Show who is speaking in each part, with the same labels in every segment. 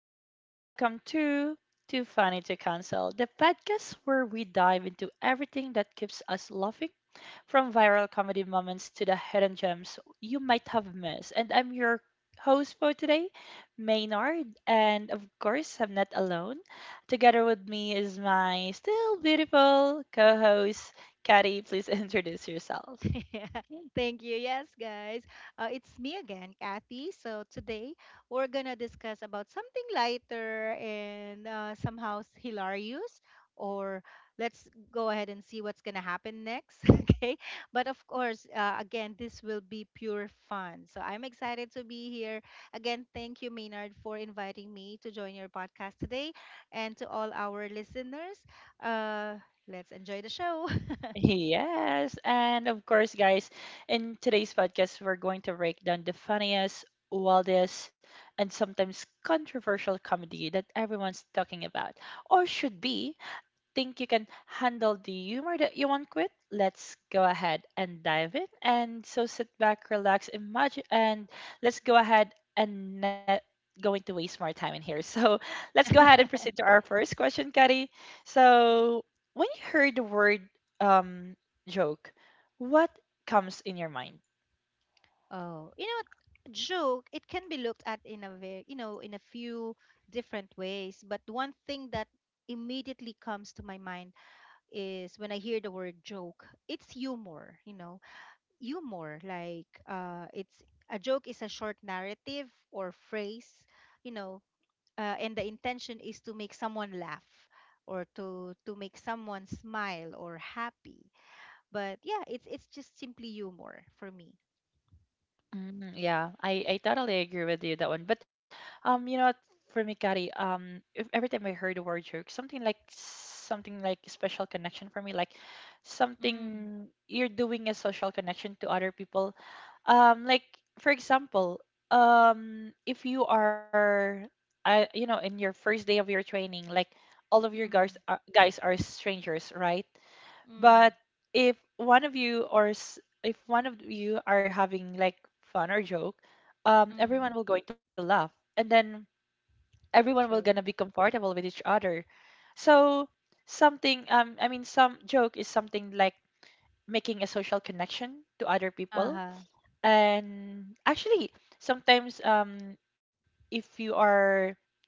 Speaker 1: and welcome to Too Funny to Cancel, the podcast where we dive into everything that keeps us laughing, from viral comedy moments to the hidden gems you might have missed. And I'm your host for today, Maynard, and of course, I'm not alone. Together with me is my still beautiful co host, Kari. Please introduce yourself.
Speaker 2: Thank you. Yes, guys. It's me again, Kathy. So today we're gonna discuss about something lighter and somehow hilarious. Or let's go ahead and see what's gonna happen next. Okay. But of course, again, this will be pure fun. So I'm excited to be here. Again, thank you, Maynard, for inviting me to join your podcast today, and to all our listeners. Uh, let's enjoy the show.
Speaker 1: Yes, and of course, guys, in today's podcast, we're going to break down the funniest, wildest, and sometimes controversial comedy that everyone's talking about, or should be, think you can handle the humor that you want with, let's go ahead and dive in. And so sit back, relax, imagine, and let's go ahead and not going to waste more time in here. So let's go ahead and proceed to our first question, Kari. So when you heard the word um, joke, what comes in your mind?
Speaker 2: Oh, you know what, joke, it can be looked at in a very, you know, in a few different ways, but one thing that immediately comes to my mind is when I hear the word joke, it's humor. Humor, like it's a joke is a short narrative or phrase, you know, and the intention is to make someone laugh or to make someone smile or happy. But yeah, it's just simply humor for me.
Speaker 1: Mm, yeah, I totally agree with you that one. But you know what, for me, Kari, if, every time I heard the word jerk, something like special connection for me, like
Speaker 2: Mm.
Speaker 1: something you're doing a social connection to other people. Like for example, if you are, in your first day of your training, like all of your
Speaker 2: Mm.
Speaker 1: guys are strangers, right? But
Speaker 2: Mm,
Speaker 1: if one of you if one of you are having like fun or joke, everyone
Speaker 2: mm,
Speaker 1: will going to laugh, and then everyone will gonna be
Speaker 2: true.
Speaker 1: comfortable with each other. So something, I mean, some joke is something like making a social connection to other people,
Speaker 2: Uh-huh.
Speaker 1: and actually sometimes, if you are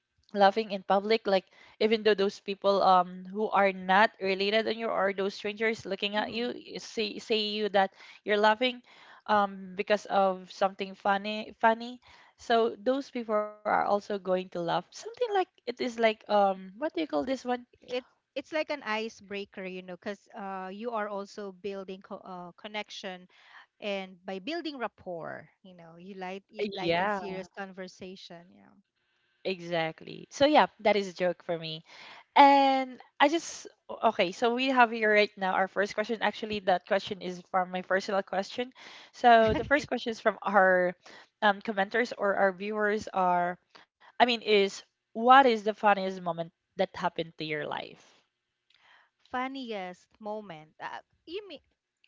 Speaker 1: laughing in public like even though those people who are not related on you or those strangers looking at you
Speaker 2: Mm-hmm.
Speaker 1: y- say you that you're laughing because of something funny, so those people are also going to laugh something like it is like what do you call this
Speaker 2: it's
Speaker 1: one?
Speaker 2: it it's like an icebreaker, because you are also building connection, and by building rapport, you lightens
Speaker 1: Yeah,
Speaker 2: serious conversation.
Speaker 1: exactly. So yeah, that is a joke for me. And I just okay, so we have here right now our first question. Actually, that question is from my personal question. So the first question is from our commenters or our viewers are, I mean, is what is the funniest moment that happened to your life?
Speaker 2: Funniest moment. You mean,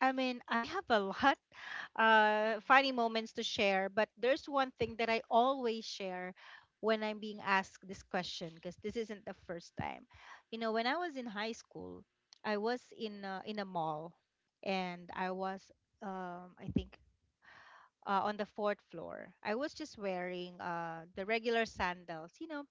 Speaker 2: I mean, I have a lot funny moments to share, but there's one thing that I always share when I'm being asked this question because this isn't the first time. When I was in high school, I was in a mall, and I I think, on the fourth floor. I was just wearing the regular sandals,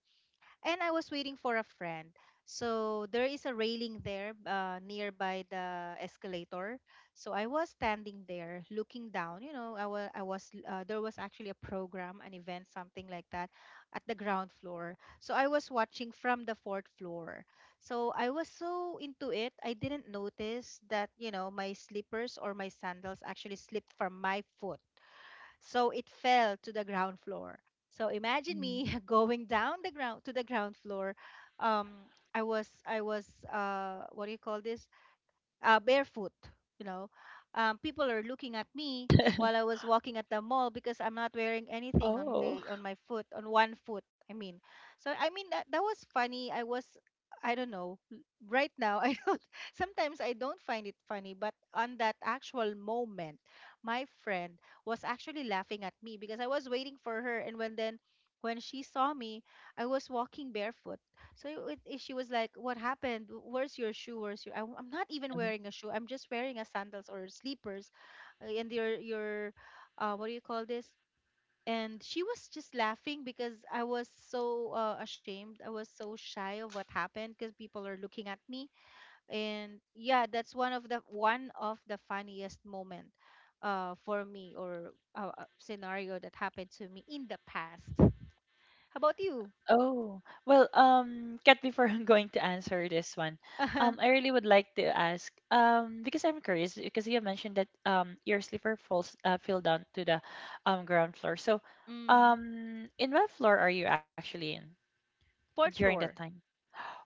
Speaker 2: and I was waiting for a friend. So there is a railing there nearby the escalator. So I was standing there looking down. You know, I was There was actually a program, an event, something like that, at the ground floor. So I was watching from the fourth floor. So I was so into it, I didn't notice that, you know, my slippers or my sandals actually slipped from my foot. So it fell to the ground floor. So imagine me
Speaker 1: Mm.
Speaker 2: going down the ground to the ground floor. Um, I was what do you call this? Barefoot. You know, people are looking at me while I was walking at the mall because I'm not wearing anything on my
Speaker 1: Oh.
Speaker 2: on my foot on one foot. I mean, so I mean that was funny. I don't know. Right now, I don't. Sometimes I don't find it funny, but on that actual moment, my friend was actually laughing at me because I was waiting for her, and when she saw me, I was walking barefoot, so she was like, "What happened? Where's your shoe? Where's your?" I'm not even wearing a shoe. I'm just wearing a sandals or slippers, and what do you call this? And she was just laughing because I was so ashamed. I was so shy of what happened because people are looking at me. And yeah, that's one of the funniest moment, for me or scenario that happened to me in the past. How about you?
Speaker 1: Oh, well, Kat, before I'm going to answer this one, I really would like to ask, because I'm curious, because you have mentioned that your sleeper falls fell down to the ground floor. So,
Speaker 2: Mm,
Speaker 1: in what floor are you actually in
Speaker 2: fourth
Speaker 1: during that
Speaker 2: floor.
Speaker 1: time?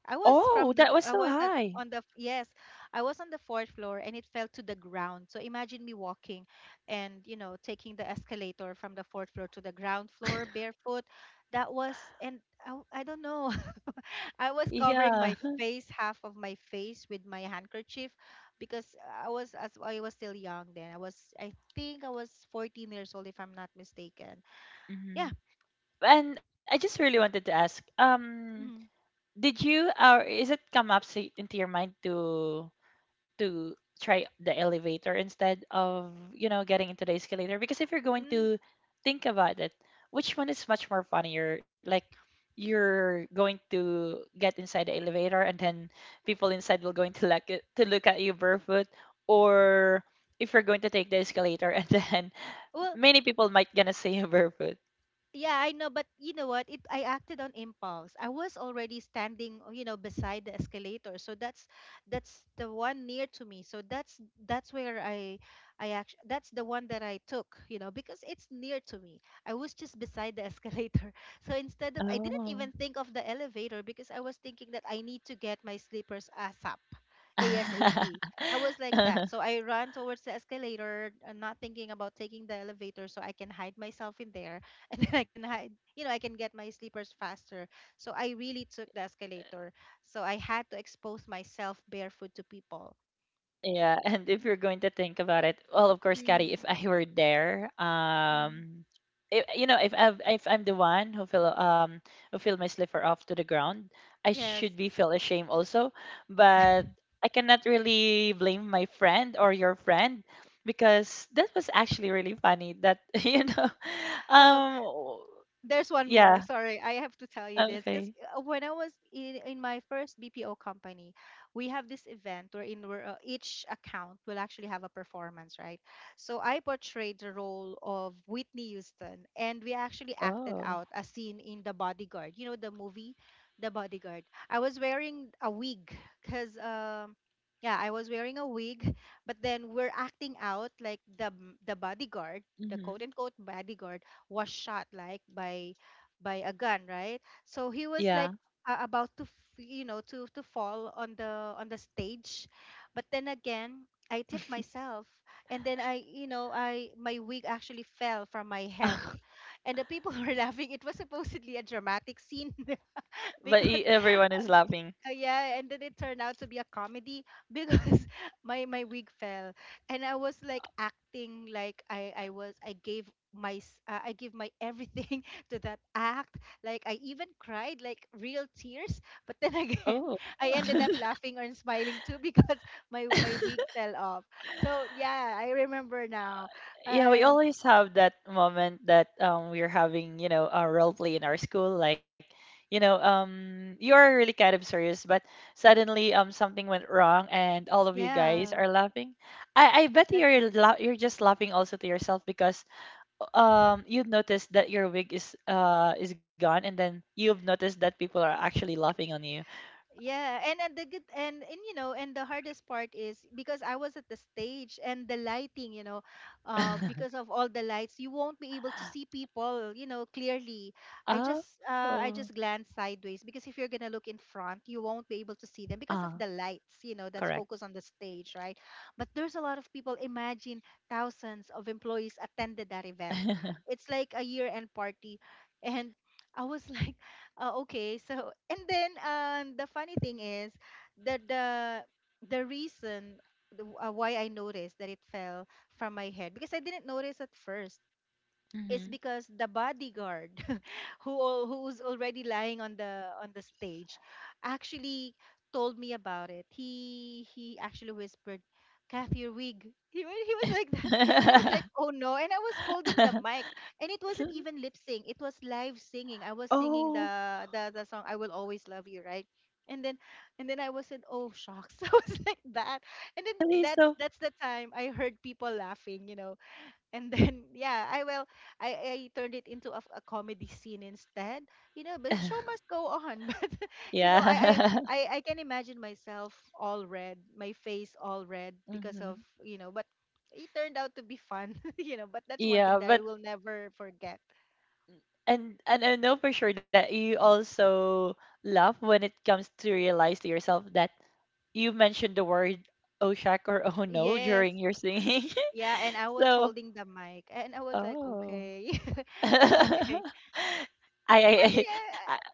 Speaker 2: I was
Speaker 1: Oh,
Speaker 2: from the
Speaker 1: that was
Speaker 2: I
Speaker 1: so
Speaker 2: was at
Speaker 1: high.
Speaker 2: on the Yes, I was on the fourth floor, and it fell to the ground. So imagine me walking, and taking the escalator from the fourth floor to the ground floor barefoot. That was And I, I don't know. I was covering
Speaker 1: Yeah.
Speaker 2: my face, half of my face with my handkerchief, because I was still young then. I think I was 14 years old, if I'm not mistaken. Yeah.
Speaker 1: Hmm. And I just really wanted to ask,
Speaker 2: Mm-hmm.
Speaker 1: did you or is it come up sa- into your mind to to try the elevator instead of getting into the escalator, because if you're going
Speaker 2: Mm.
Speaker 1: to think about it, which one is much more funnier? Like you're going to get inside the elevator, and then people inside will going to look at you barefoot, or if you're going to take the escalator and then
Speaker 2: Well,
Speaker 1: many people might gonna see you barefoot.
Speaker 2: yeah, I know, but you know what? It I acted on impulse. I was already standing, oh, beside the escalator. So that's the one near to me. So that's where I actually that's the one that I took, because it's near to me. I was just beside the escalator. So instead of I didn't
Speaker 1: Oh.
Speaker 2: even think of the elevator, because I was thinking that I need to get my slippers ASAP. ASAP. I was like that. So I ran towards the escalator, not thinking about taking the elevator, so I can hide myself in there, and then I can hide, you know, I can get my sleepers faster. So I really took the escalator. So I had to expose myself barefoot to people.
Speaker 1: Yeah, and if you're going to think about it, well, of course, Kari,
Speaker 2: Hmm.
Speaker 1: if I were there, if, if I if I'm the one who fell, who fell my slipper off to the ground, I
Speaker 2: Yes.
Speaker 1: should be feel ashamed also. But I cannot really blame my friend or your friend, because that was actually really funny that
Speaker 2: Oh,
Speaker 1: um,
Speaker 2: there's one more.
Speaker 1: yeah,
Speaker 2: Sorry, I have to tell you this because
Speaker 1: okay,
Speaker 2: when I was in my first BPO company, we have this event wherein each account will actually have a performance, right? So I portrayed the role of Whitney Houston, and we actually acted out
Speaker 1: oh,
Speaker 2: a scene in The Bodyguard. You know the movie, The Bodyguard. I was wearing a wig because. Yeah, I was wearing a wig, but then we're acting out like the bodyguard, the quote
Speaker 1: hmm
Speaker 2: unquote bodyguard, was shot like by a gun, right? So he was
Speaker 1: yeah,
Speaker 2: like about to to fall on the stage, but then again. I tipped myself, and then I you know I my wig actually fell from my head, and the people were laughing. It was supposedly a dramatic scene.
Speaker 1: but
Speaker 2: Because
Speaker 1: everyone is laughing.
Speaker 2: yeah, and then it turned out to be a comedy, because my wig fell, and I was like acting like I gave my everything to that act. Like I even cried like real tears. But then
Speaker 1: Oh.
Speaker 2: again, I ended up laughing or smiling too, because my wig fell off. So yeah, I remember now,
Speaker 1: Yeah, we
Speaker 2: and
Speaker 1: always have that moment that we're having, a role play in our school. Like, you are really kind of serious, but suddenly something went wrong and all of you
Speaker 2: yeah,
Speaker 1: guys are laughing. I bet
Speaker 2: exactly.
Speaker 1: you're just laughing also to yourself because you noticed that your wig is gone, and then you've noticed that people are actually laughing on you.
Speaker 2: Yeah, and and the hardest part is because I was at the stage and the lighting, because of all the lights, you won't be able to see people, clearly.
Speaker 1: Oh,
Speaker 2: I just glance sideways, because if you're gonna look in front, you won't be able to see them because of
Speaker 1: ah,
Speaker 2: the lights that's
Speaker 1: correct.
Speaker 2: focused on the stage, right? But there's a lot of people. Imagine thousands of employees attended that event. It's like a year-end party, and I was like. Oh, okay. So, and then the funny thing is that the reason why I noticed that it fell from my head, because I didn't notice at first, is
Speaker 1: Hmm.
Speaker 2: because the bodyguard who's already lying on the stage actually told me about it. He actually whispered, "Kathy, your wig," he was like that. And I was like, "Oh, no," and I was holding the mic, and it wasn't even lip sync. It was live singing. I was singing
Speaker 1: Oh.
Speaker 2: the the song "I Will Always Love You," right? And then I was in, "Oh, shocks," I was like that. And then
Speaker 1: Actually,
Speaker 2: that's
Speaker 1: so
Speaker 2: that's the time I heard people laughing. And then yeah, I will I turned it into a comedy scene instead. You know, but show must go on. But you know I, I
Speaker 1: yeah.
Speaker 2: i i can imagine myself all red, my face all red because of
Speaker 1: Hmm.
Speaker 2: you know but It turned out to be fun. you know but That's one thing that
Speaker 1: Yeah,
Speaker 2: I
Speaker 1: but
Speaker 2: will never forget.
Speaker 1: and I know for sure that you also laugh when it comes to realize to yourself that you mentioned the word oh shack or oh no
Speaker 2: Yes.
Speaker 1: during your singing.
Speaker 2: Yeah, and I was
Speaker 1: So,
Speaker 2: holding the mic, and I was like,
Speaker 1: oh.
Speaker 2: okay.
Speaker 1: I,
Speaker 2: Okay,
Speaker 1: I,
Speaker 2: but
Speaker 1: I, I
Speaker 2: yeah.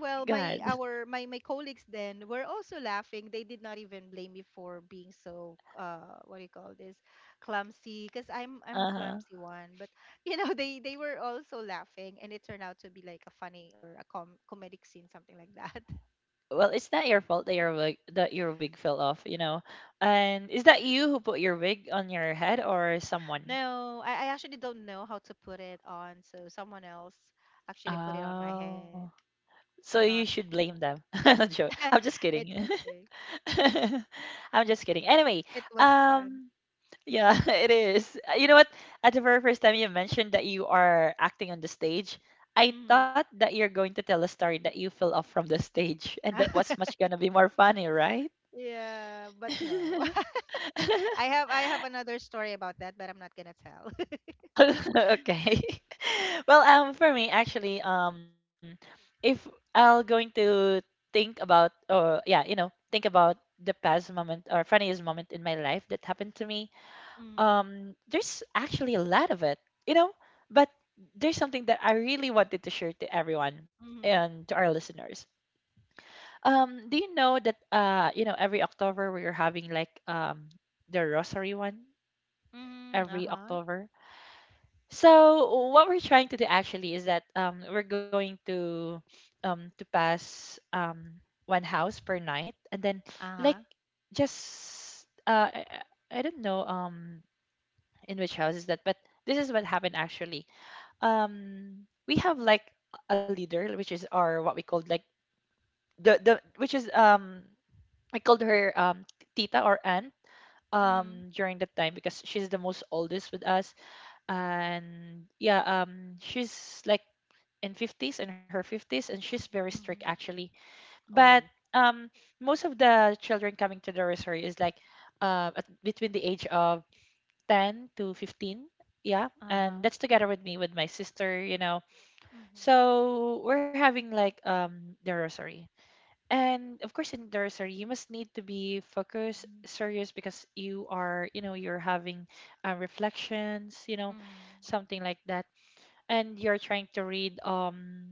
Speaker 2: Well, my
Speaker 1: God.
Speaker 2: our my my colleagues then were also laughing. They did not even blame me for being so what do you call this, clumsy, because I'm a
Speaker 1: Uh-huh.
Speaker 2: clumsy one, but they were also laughing, and it turned out to be like a funny or a comedic scene, something like that.
Speaker 1: Well, it's not your fault that your wig fell off. And is that you who put your wig on your head, or someone?
Speaker 2: No, I actually don't know how to put it on, so someone else actually put it on my
Speaker 1: Oh.
Speaker 2: head.
Speaker 1: So
Speaker 2: I'm
Speaker 1: you
Speaker 2: not.
Speaker 1: should blame
Speaker 2: um,
Speaker 1: them. No joke. I'm just
Speaker 2: it's
Speaker 1: kidding.
Speaker 2: okay.
Speaker 1: I'm just kidding. Anyway,
Speaker 2: It was fun.
Speaker 1: um, yeah, it is. You know what? At the very first time you mentioned that you are acting on the stage, I
Speaker 2: Mhm.
Speaker 1: thought that you're going to tell a story that you fell off from the stage, and that was much gonna be more funny, right?
Speaker 2: Yeah, but no, I have another story about that, but I'm not gonna tell.
Speaker 1: Okay. Well, for me, actually, if I'll going to think about, or yeah, think about the past moment or funniest moment in my life that happened to me,
Speaker 2: Mm.
Speaker 1: there's actually a lot of it, you know, but there's something that I really wanted to share to everyone
Speaker 2: Mm.
Speaker 1: and to our listeners. Do you know that, every October we're having like, the Rosary one
Speaker 2: Mm.
Speaker 1: every
Speaker 2: Uh-huh.
Speaker 1: October? So what we're trying to do actually is that we're going to pass one house per night, and then like
Speaker 2: Uh-huh.
Speaker 1: just I don't know in which house is that, but this is what happened actually. We have like a leader, which is our what we called like the which is I called her tita or aunt
Speaker 2: Mm.
Speaker 1: during that time, because she's the most oldest with us. And yeah, she's like in 50s, in her 50s, and she's very strict
Speaker 2: Mm-hmm.
Speaker 1: actually. But
Speaker 2: Oh.
Speaker 1: um most of the children coming to the nursery is like between the age of 10 to 15, yeah, and
Speaker 2: Uh-huh.
Speaker 1: that's together with me with my sister,
Speaker 2: Mm-hmm.
Speaker 1: so we're having like the rosary. And of course, in the rosary you must need to be focused
Speaker 2: Mm.
Speaker 1: serious, because you are you're having reflections, something like that, and you're trying to read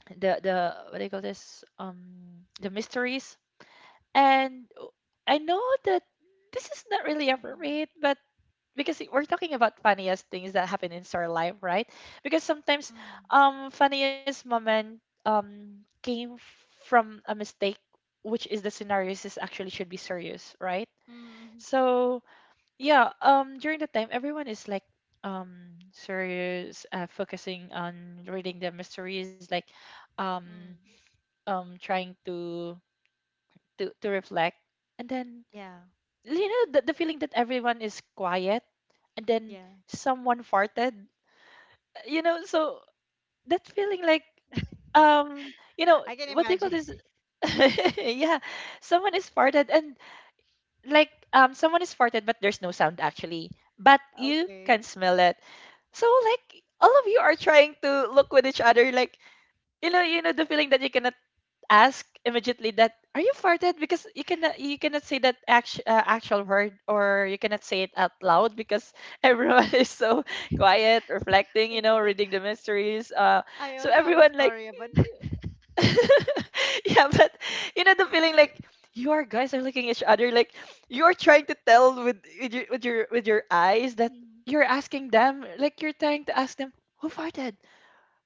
Speaker 1: the what do you call this, the mysteries. And I know that this is not really
Speaker 2: Mm-hmm.
Speaker 1: appropriate, but because we're talking about funniest things that happen in our life, right? Because sometimes
Speaker 2: Mm-hmm.
Speaker 1: funniest moment came from a mistake, which is the scenarios is actually should be serious, right?
Speaker 2: Mm-hmm.
Speaker 1: So yeah, during the time everyone is like serious, focusing on reading the mysteries, like um
Speaker 2: Mm.
Speaker 1: trying to reflect. And then
Speaker 2: Yeah.
Speaker 1: the feeling that everyone is quiet, and then
Speaker 2: Yeah.
Speaker 1: someone farted, so that feeling like um you know
Speaker 2: I can
Speaker 1: what do you call
Speaker 2: imagine.
Speaker 1: this? Yeah, someone is farted. And like someone is farted, but there's no sound actually, but you
Speaker 2: Okay.
Speaker 1: can smell it. So like all of you are trying to look with each other, like the feeling that you cannot ask immediately that are you farted, because you cannot say that actual word, or you cannot say it out loud, because everyone is so quiet reflecting,
Speaker 2: My goodness.
Speaker 1: reading the mysteries.
Speaker 2: I
Speaker 1: So
Speaker 2: also have a
Speaker 1: everyone like
Speaker 2: story about that.
Speaker 1: yeah, but the feeling like you are guys are looking at each other, like you are trying to tell with with your eyes that
Speaker 2: Mm.
Speaker 1: you're asking them, like you're trying to ask them, who farted?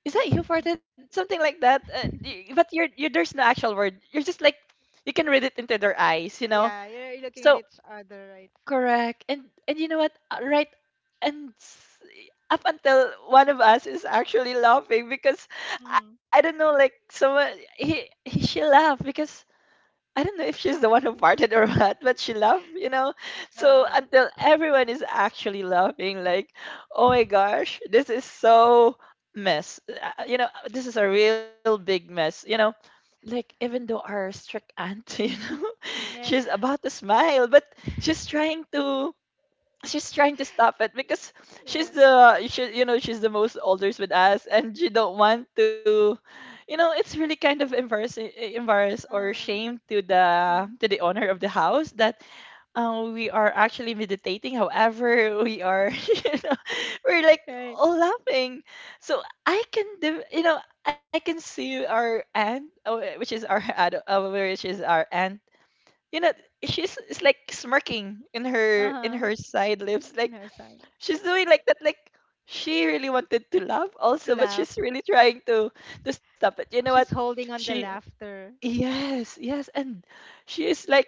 Speaker 1: Is that you farted? Something like that. But you there's no actual word. You're just like you can read it into their eyes.
Speaker 2: Yeah, you're looking at
Speaker 1: So
Speaker 2: each other, right?
Speaker 1: correct. And you know what? Right. And s- up until one of us is actually laughing, because I
Speaker 2: Mm-hmm.
Speaker 1: don't know, like someone, he she laughed, because I don't know if she's the one who farted or what, but she laughed. So
Speaker 2: Uh,
Speaker 1: until everyone is actually laughing, like, oh my gosh, this is so mess. This is a real big mess. You know, like even though our strict aunt, you know,
Speaker 2: Yeah.
Speaker 1: she's about to smile, but she's trying to she's trying to stop it because
Speaker 2: Yeah.
Speaker 1: you know she's the most oldest with us and she don't want to you know it's really kind of embarrassing embarrassed or
Speaker 2: Um.
Speaker 1: shame to the
Speaker 2: Mm.
Speaker 1: to the owner of the house that we are actually meditating however we are you know we're like
Speaker 2: Right.
Speaker 1: all laughing so I can do you know I can see our aunt which is our aunt you know she's it's like smirking in her in
Speaker 2: Uh-huh.
Speaker 1: her side lips
Speaker 2: In
Speaker 1: like
Speaker 2: her side
Speaker 1: she's doing like that like she really wanted to laugh
Speaker 2: to
Speaker 1: also but
Speaker 2: laugh.
Speaker 1: she's really trying to stop it you know what
Speaker 2: She's holding on
Speaker 1: she
Speaker 2: the laughter.
Speaker 1: yes yes and she is like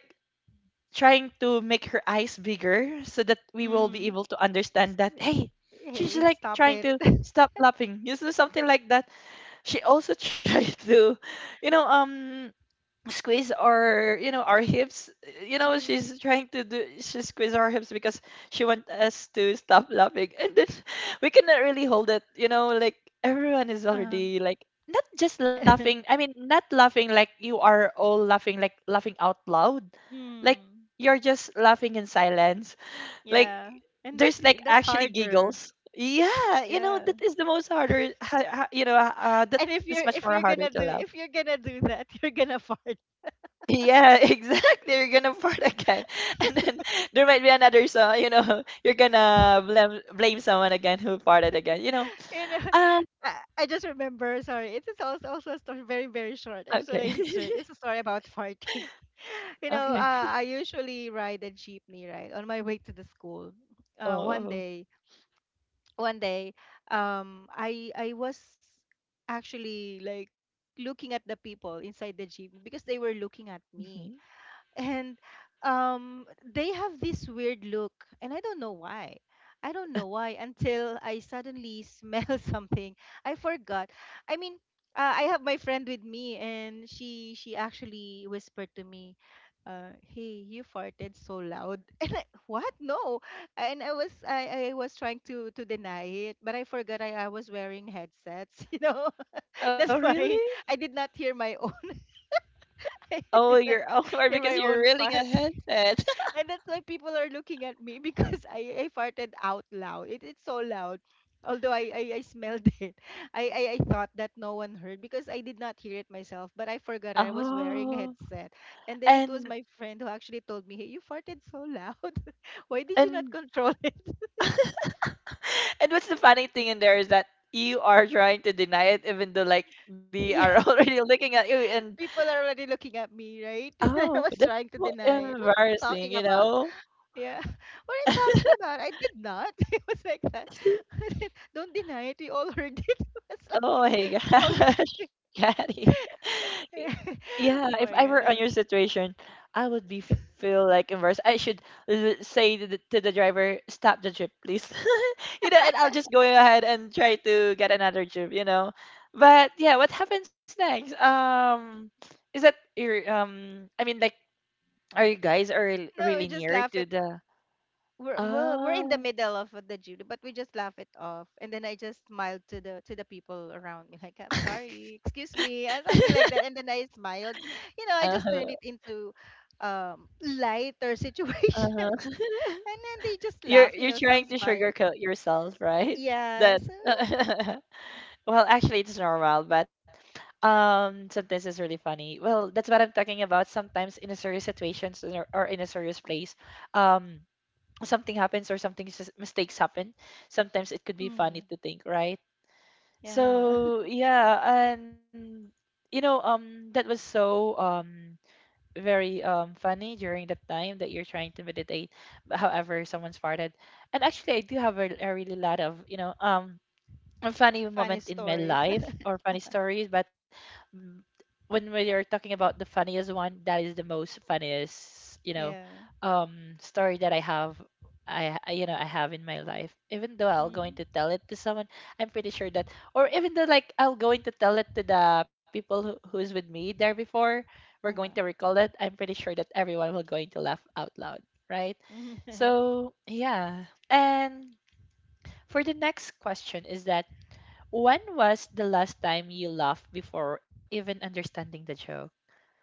Speaker 1: trying to make her eyes bigger so that we will be
Speaker 2: Mm.
Speaker 1: able to understand
Speaker 2: S-
Speaker 1: that hey she's
Speaker 2: Hey,
Speaker 1: like
Speaker 2: stop
Speaker 1: trying
Speaker 2: it.
Speaker 1: to stop laughing you know something like that she also tried to you know squeeze our you know our hips you know
Speaker 2: Mm.
Speaker 1: she's trying to do she squeeze our hips because she want us to stop laughing and then we cannot really hold it you know like everyone is
Speaker 2: Uh-huh.
Speaker 1: already like not just laughing not laughing like you are all laughing like laughing out loud like
Speaker 2: Mm.
Speaker 1: you're just laughing in silence like
Speaker 2: Yeah. And that's
Speaker 1: there's like
Speaker 2: that's
Speaker 1: actually
Speaker 2: harder.
Speaker 1: giggles yeah you know
Speaker 2: Yeah.
Speaker 1: that is the most harder you know that
Speaker 2: And
Speaker 1: is much more
Speaker 2: if you're
Speaker 1: harder to
Speaker 2: gonna do
Speaker 1: laugh.
Speaker 2: if you're gonna do that, you're gonna fart.
Speaker 1: Yeah, exactly. You're gonna fart again, and then there might be another song. You know, you're gonna blame someone again who farted again. You know.
Speaker 2: You know,
Speaker 1: Um.
Speaker 2: I just remember. Sorry, it is also a story very short.
Speaker 1: Okay.
Speaker 2: I just wanna insert. It's a story about farting. You know,
Speaker 1: Okay.
Speaker 2: I usually ride a jeepney right on my way to the school. One
Speaker 1: Oh.
Speaker 2: day, one day I was actually like looking at the people inside the gym because they were looking at
Speaker 1: Mhm.
Speaker 2: me. And um they have this weird look, and I don't know why. I don't know why until I suddenly smell something. I forgot I mean I have my friend with me, and she actually whispered to me, "Hey, you farted so loud." What? No. And I was trying to deny it, but I forgot I was wearing headsets, you know.
Speaker 1: Oh
Speaker 2: That's
Speaker 1: really?
Speaker 2: why I did not hear my own. I
Speaker 1: Oh,
Speaker 2: did not
Speaker 1: you're over
Speaker 2: hear
Speaker 1: because
Speaker 2: my
Speaker 1: you're
Speaker 2: own
Speaker 1: reeling a
Speaker 2: fart.
Speaker 1: headset.
Speaker 2: And that's why people are looking at me, because I farted out loud. It's so loud. Although I smelled it, I thought that no one heard, because I did not hear it myself. But I forgot I was wearing
Speaker 1: Oh.
Speaker 2: headset. And then it was
Speaker 1: And
Speaker 2: my friend who actually told me, "Hey, you farted so loud." Why did you not
Speaker 1: and
Speaker 2: control it?
Speaker 1: and what's the funny thing in there is that you are trying to deny it, even though like they are
Speaker 2: Yeah.
Speaker 1: already looking at you. And
Speaker 2: People are already looking at me, right? I
Speaker 1: oh,
Speaker 2: was
Speaker 1: that's
Speaker 2: trying to
Speaker 1: so
Speaker 2: deny it. What are you
Speaker 1: embarrassing.
Speaker 2: talking
Speaker 1: You
Speaker 2: about?
Speaker 1: know.
Speaker 2: Yeah. What are you talking about? I did not. It was like that. I did- Don't deny it. We all heard it. It was like,
Speaker 1: Oh my gosh,
Speaker 2: okay.
Speaker 1: Katty. Y- Yeah, if
Speaker 2: Oh
Speaker 1: I
Speaker 2: my
Speaker 1: were
Speaker 2: God.
Speaker 1: on your
Speaker 2: That's,
Speaker 1: situation, I would be feel like embarrassed. I should l- say to the driver, stop the trip, please. You know, and I'll just go ahead and try to get another trip, you know. But yeah, what happens next? Is that your um? I mean, like, are you guys are
Speaker 2: no, we
Speaker 1: really
Speaker 2: just
Speaker 1: near
Speaker 2: laugh
Speaker 1: to
Speaker 2: it.
Speaker 1: the?
Speaker 2: We're in the
Speaker 1: Oh,
Speaker 2: middle of the Judo, but we just laugh it off. And then I just smiled to the people around me, like, "I'm sorry, excuse me," and something like that. And then I smiled. You know, I
Speaker 1: uh
Speaker 2: just
Speaker 1: huh,
Speaker 2: turned it into lighter
Speaker 1: uh
Speaker 2: situation.
Speaker 1: huh.
Speaker 2: And then they just laugh, you
Speaker 1: You're
Speaker 2: know, some
Speaker 1: trying to
Speaker 2: smiled.
Speaker 1: sugarcoat yourself, right?
Speaker 2: Yeah.
Speaker 1: That
Speaker 2: So yeah.
Speaker 1: well, actually, it's normal, but sometimes it's really funny. Well, that's what I'm talking about. Sometimes in a serious situations or in a serious place, um, something happens or something s- mistakes happen. Sometimes it could be funny
Speaker 2: Mm,
Speaker 1: to think, right?
Speaker 2: yeah.
Speaker 1: So yeah, and you know, that was so very funny during the time that you're trying to meditate but however someone farted and actually I do have a really lot of you know a funny moment
Speaker 2: Funny
Speaker 1: in my
Speaker 2: stories.
Speaker 1: life or funny stories, but mm, when we are talking about the funniest one, that is the most funniest, you know,
Speaker 2: Yeah.
Speaker 1: story that I have. You know I have in my life. Even though I'll going
Speaker 2: Mm.
Speaker 1: to tell it to someone, I'm pretty sure that, or even though like I'll going to tell it to the people who's with me there before, we're going to
Speaker 2: Uh-huh.
Speaker 1: recall it. I'm pretty sure that everyone will going to laugh out loud, right? So yeah. And for the next question is that when was the last time you laughed before even understanding the joke?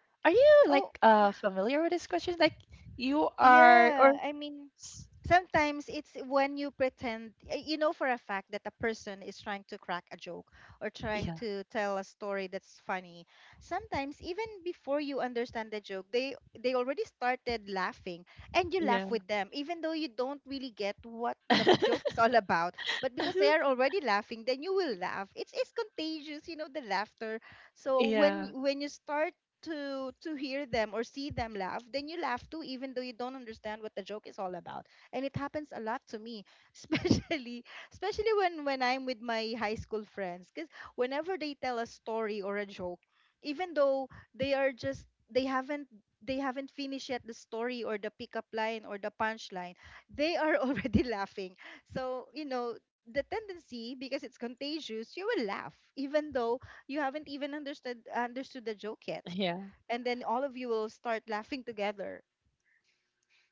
Speaker 1: Are you like
Speaker 2: Oh,
Speaker 1: familiar with this question? Like you are or
Speaker 2: yeah. I mean,
Speaker 1: s-
Speaker 2: sometimes it's when you pretend, you know, for a fact that a person is trying to crack a joke, or trying
Speaker 1: yeah,
Speaker 2: to tell a story that's funny. Sometimes even before you understand the joke, they already started laughing, and you laugh
Speaker 1: yeah.
Speaker 2: with them even though you don't really get what the joke is all about. But because they are already laughing, then you will laugh. It's contagious, you know, the laughter. So
Speaker 1: Yeah,
Speaker 2: when you start to hear them or see them laugh, then you laugh too, even though you don't understand what the joke is all about. And it happens a lot to me, especially especially when I'm with my high school friends. Because whenever they tell a story or a joke, even though they are just they haven't, they haven't finished yet the story or the pickup line or the punchline, they are already laughing. So you know, the tendency, because it's contagious, you will laugh even though you haven't even understood the joke yet.
Speaker 1: yeah,
Speaker 2: And then all of you will start laughing together.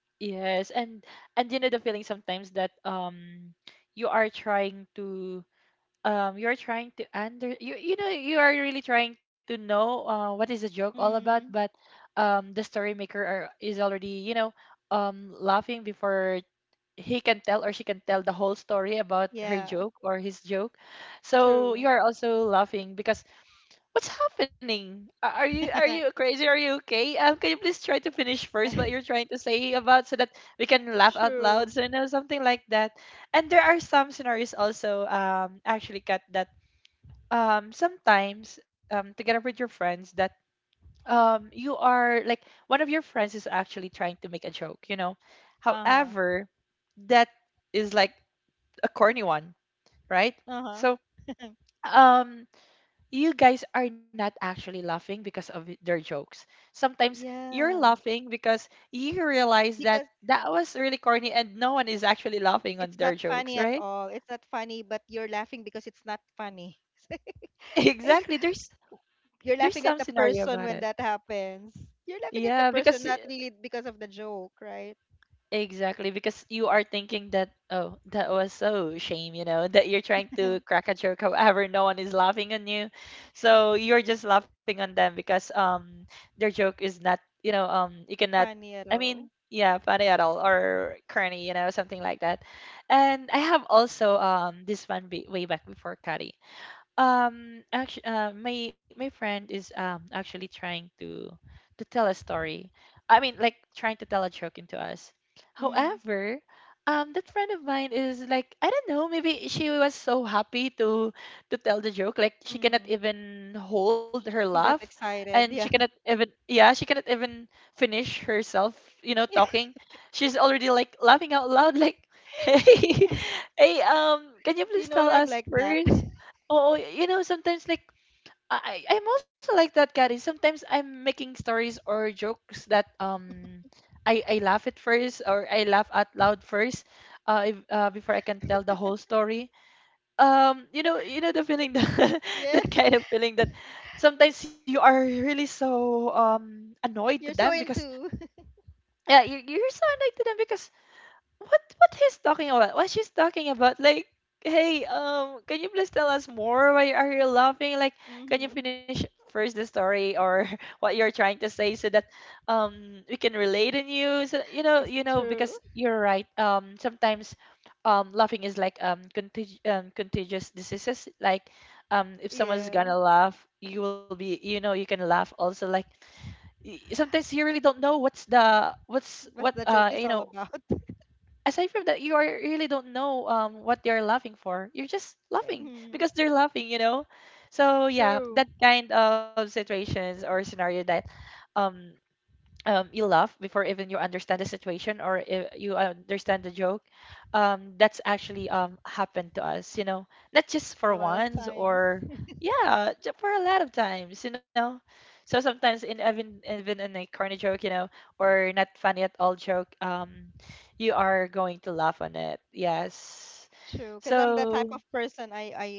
Speaker 1: yes, and you know the feeling sometimes that you are trying to you are trying to under you know you are really trying to know what is the joke all about, but
Speaker 2: Mm,
Speaker 1: the story maker are, is already you know laughing before he can tell or she can tell the whole story about her
Speaker 2: yeah,
Speaker 1: joke or his joke. So
Speaker 2: true.
Speaker 1: you are also laughing because what's happening? A- are you crazy? Are you okay? Can you please try to finish first what you're trying to say about so that we can laugh out
Speaker 2: True.
Speaker 1: loud? So you know something like that. And there are some scenarios also actually cut that sometimes together with your friends that you are like one of your friends is actually trying to make a joke, you know.
Speaker 2: Uh-huh.
Speaker 1: However, that is like a corny one, right?
Speaker 2: Uh-huh.
Speaker 1: So, um, you guys are not actually laughing because of it- their jokes. Sometimes you're
Speaker 2: Yeah.
Speaker 1: laughing because you realize that
Speaker 2: Because
Speaker 1: that was really corny and no one is actually laughing on
Speaker 2: it's not
Speaker 1: their jokes,
Speaker 2: funny at
Speaker 1: right?
Speaker 2: all. It's not funny, but you're laughing because it's not funny. Ay,
Speaker 1: Exactly. There's
Speaker 2: you're
Speaker 1: some
Speaker 2: laughing at the
Speaker 1: scenario about
Speaker 2: person
Speaker 1: it.
Speaker 2: when that happens. You're laughing at
Speaker 1: Yeah,
Speaker 2: the
Speaker 1: because
Speaker 2: person, not really because of the joke, right?
Speaker 1: exactly, because you are thinking that, oh, that was so shame, you know, that you're trying to crack a joke, however, no one is laughing on you. So you're just laughing on them because their joke is not, you know, you cannot,
Speaker 2: Funny at
Speaker 1: I mean,
Speaker 2: all.
Speaker 1: yeah, funny at all or corny, you know, something like that. And I have also this one be way back before Kari. Actually, my my friend is actually trying to tell a story. I mean, like trying to tell a joke into us.
Speaker 2: Mm.
Speaker 1: However, that friend of mine is like I don't know. Maybe she was so happy to tell the joke, like she cannot
Speaker 2: Mm-hmm.
Speaker 1: even hold her
Speaker 2: She
Speaker 1: laugh,
Speaker 2: got
Speaker 1: and she
Speaker 2: excited.
Speaker 1: cannot
Speaker 2: Yeah.
Speaker 1: even yeah, she cannot even finish herself. You know,
Speaker 2: Yeah.
Speaker 1: talking. She's already like laughing out loud, like, hey,
Speaker 2: Yeah.
Speaker 1: hey, can you
Speaker 2: You
Speaker 1: please
Speaker 2: know
Speaker 1: tell
Speaker 2: what? I'm
Speaker 1: us
Speaker 2: like that.
Speaker 1: first? Oh, you know, sometimes like I'm also like that, Kari. Sometimes I'm making stories or jokes that I laugh at first or I laugh out loud first if, before I can tell the whole story. You know the feeling that that
Speaker 2: Yes.
Speaker 1: kind of feeling that sometimes you are really so annoyed to
Speaker 2: You're
Speaker 1: them
Speaker 2: so
Speaker 1: because
Speaker 2: into.
Speaker 1: yeah, you're so annoyed to them because what he's talking about? What she's talking about? Like, hey, can you please tell us more? Why are you laughing? Like, can you
Speaker 2: Mm-hmm.
Speaker 1: finish first the story or what you're trying to say so that we can relate in you? So
Speaker 2: It's
Speaker 1: you know,
Speaker 2: true.
Speaker 1: because you're right. Sometimes laughing is like contagious diseases. Like, if someone's
Speaker 2: Yeah.
Speaker 1: gonna laugh, you will be, you know, you can laugh also. Like y- sometimes you really don't know what's the what's
Speaker 2: What
Speaker 1: what
Speaker 2: the joke is
Speaker 1: you
Speaker 2: all
Speaker 1: know
Speaker 2: about.
Speaker 1: aside from that, you are really don't know what they're laughing for. You're just
Speaker 2: Yeah,
Speaker 1: laughing
Speaker 2: mm,
Speaker 1: because they're laughing, you know. So yeah,
Speaker 2: true.
Speaker 1: that kind of situations or scenario that um you laugh before even you understand the situation or if you understand the joke that's actually happened to us you know not just for
Speaker 2: A lot of
Speaker 1: once
Speaker 2: times.
Speaker 1: or yeah ju- for a lot of times you know so sometimes in even even in a corny joke you know or not funny at all joke you are going to laugh on it yes
Speaker 2: True, because I'm the type
Speaker 1: so
Speaker 2: of person. I I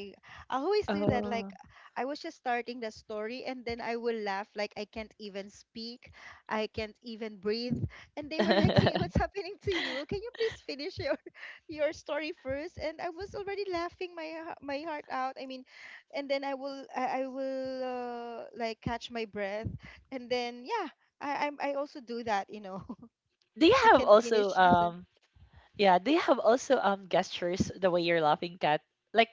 Speaker 2: I always do that.
Speaker 1: uh,
Speaker 2: Like, I was just starting the story, and then I will laugh like I can't even speak, I can't even breathe, and they were like, "Hey, what's
Speaker 1: do
Speaker 2: happening to you? Can you please finish your your story first?" And I was already laughing my h- my heart out. I mean, and then I will like catch my breath, and then yeah, I also do that. You know,
Speaker 1: you
Speaker 2: I
Speaker 1: have
Speaker 2: can't
Speaker 1: also
Speaker 2: finish this.
Speaker 1: yeah, they have also gestures the way you're laughing, Kat. Like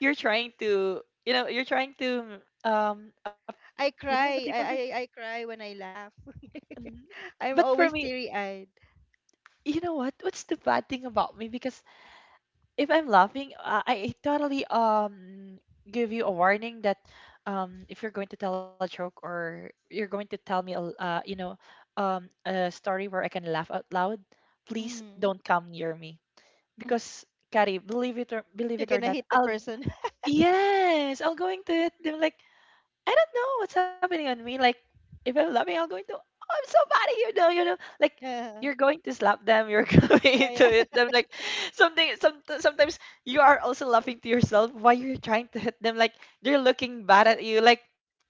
Speaker 1: you're trying to, you know, you're trying to ap-
Speaker 2: I
Speaker 1: you know what they
Speaker 2: cry.
Speaker 1: call this?
Speaker 2: I cry when I laugh.
Speaker 1: Mm,
Speaker 2: I'm
Speaker 1: but for
Speaker 2: always
Speaker 1: me,
Speaker 2: teary eyed.
Speaker 1: you know what? What's the bad thing about me? Because if I'm laughing, I totally give you a warning that if you're going to tell a joke or you're going to tell me a l- you know a story where I can laugh out loud, please
Speaker 2: Mm.
Speaker 1: don't come near me because. Kari, believe
Speaker 2: You're
Speaker 1: it or
Speaker 2: gonna
Speaker 1: not,
Speaker 2: hit the
Speaker 1: I'll
Speaker 2: person.
Speaker 1: yes, I'll go into it. They're like, I don't know what's happening on me. Like, if I'm laughing, I'll go into, oh, I'm so bad, at you. Know. You know, like
Speaker 2: Yeah.
Speaker 1: you're going to slap them. You're
Speaker 2: Oh,
Speaker 1: going to
Speaker 2: yeah.
Speaker 1: hit them. Like something. Some sometimes you are also laughing to yourself while you're trying to hit them. Like they're looking bad at you. Like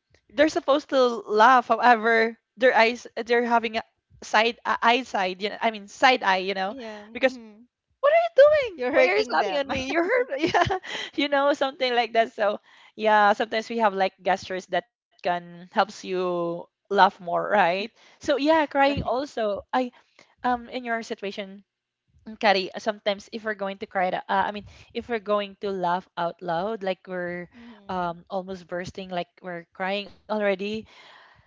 Speaker 1: they're supposed to laugh. However, their eyes, they're having a side a eye side. You know, I mean side eye. You know,
Speaker 2: Yeah.
Speaker 1: because
Speaker 2: Mm.
Speaker 1: what are you doing?
Speaker 2: You're
Speaker 1: Why are you
Speaker 2: hurting
Speaker 1: slapping on
Speaker 2: them.
Speaker 1: me? You hurt me. Yeah. You know, something like that. So yeah, sometimes we have like gestures that can helps you laugh more, right? So yeah, crying
Speaker 2: Right.
Speaker 1: also. I in your situation, Kari, sometimes if we're going to cry, I mean, if we're going to laugh out loud, like we're
Speaker 2: Mm.
Speaker 1: almost bursting, like we're crying already,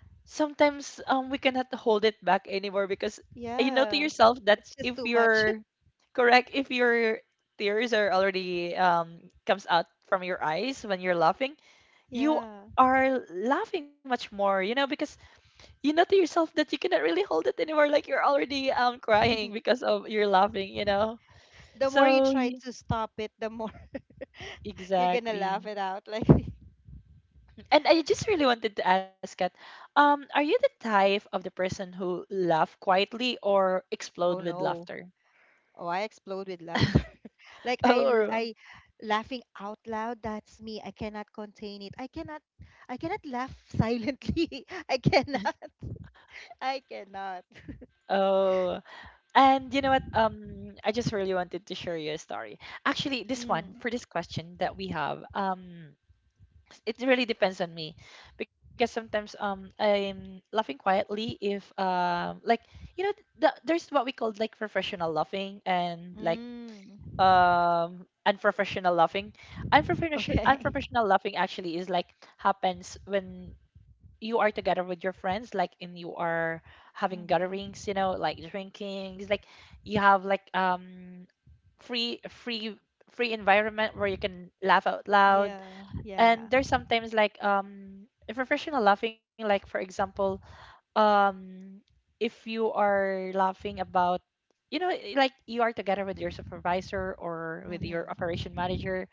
Speaker 1: sometimes we cannot hold it back anymore because you know to
Speaker 2: Yeah.
Speaker 1: yourself that
Speaker 2: It's just
Speaker 1: if
Speaker 2: too much.
Speaker 1: you're correct if your tears are already comes out from your eyes when you're laughing, you
Speaker 2: Yeah.
Speaker 1: are laughing much more, you know, because you know to yourself that you cannot really hold it anymore like you're already crying
Speaker 2: The
Speaker 1: because of your laughing, you know.
Speaker 2: more you
Speaker 1: So
Speaker 2: try to stop it, the more you're gonna laugh
Speaker 1: exactly.
Speaker 2: it out. Like,
Speaker 1: And I just really wanted to ask that, are you the type of the person who laugh quietly or
Speaker 2: oh
Speaker 1: explode with
Speaker 2: no.
Speaker 1: laughter?
Speaker 2: Oh, I explode with laughter. Like, I l-
Speaker 1: Oh,
Speaker 2: I laughing out loud, that's me. I cannot contain it. I cannot laugh silently. I cannot. I cannot.
Speaker 1: oh. And you know what? I just really wanted to share you a story. Actually, this one
Speaker 2: Mm.
Speaker 1: for this question that we have, it really depends on me because sometimes I'm laughing quietly if like, you know, there's what we call like professional laughing and like
Speaker 2: Mm.
Speaker 1: unprofessional laughing. unprofessional
Speaker 2: Okay.
Speaker 1: unprofessional laughing actually is like happens when you are together with your friends like and you are having gatherings,
Speaker 2: Mm-hmm.
Speaker 1: you know, like drinking. It's like you have like free free free environment where you can laugh out loud.
Speaker 2: Yeah. Yeah.
Speaker 1: And there's sometimes like professional laughing, like for example, um if you are laughing about, you know, like you are together with your supervisor or with your operation
Speaker 2: Mm-hmm.
Speaker 1: manager,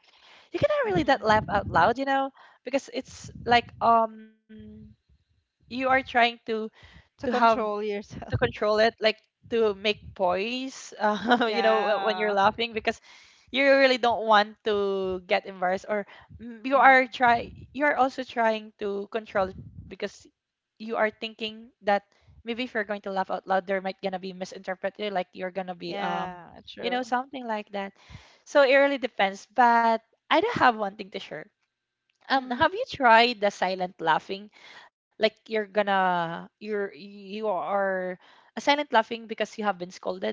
Speaker 1: you cannot really that laugh out
Speaker 2: Mm-hmm.
Speaker 1: loud, you know, because it's like you are trying to
Speaker 2: To
Speaker 1: have,
Speaker 2: control
Speaker 1: to
Speaker 2: yourself.
Speaker 1: control it, like to make poise, you know, when you're
Speaker 2: Yeah.
Speaker 1: laughing because you really don't want to get embarrassed or,
Speaker 2: Mm.
Speaker 1: you are also trying to control it because you are thinking that maybe if you're going to laugh out loud there might gonna be misinterpreted like you're gonna be
Speaker 2: Yeah,
Speaker 1: you know,
Speaker 2: true.
Speaker 1: something like that. So it really depends, but I do have one thing to share.
Speaker 2: Mm.
Speaker 1: Have you tried the silent laughing? Like you're gonna you're you are a silent laughing because you have been scolded.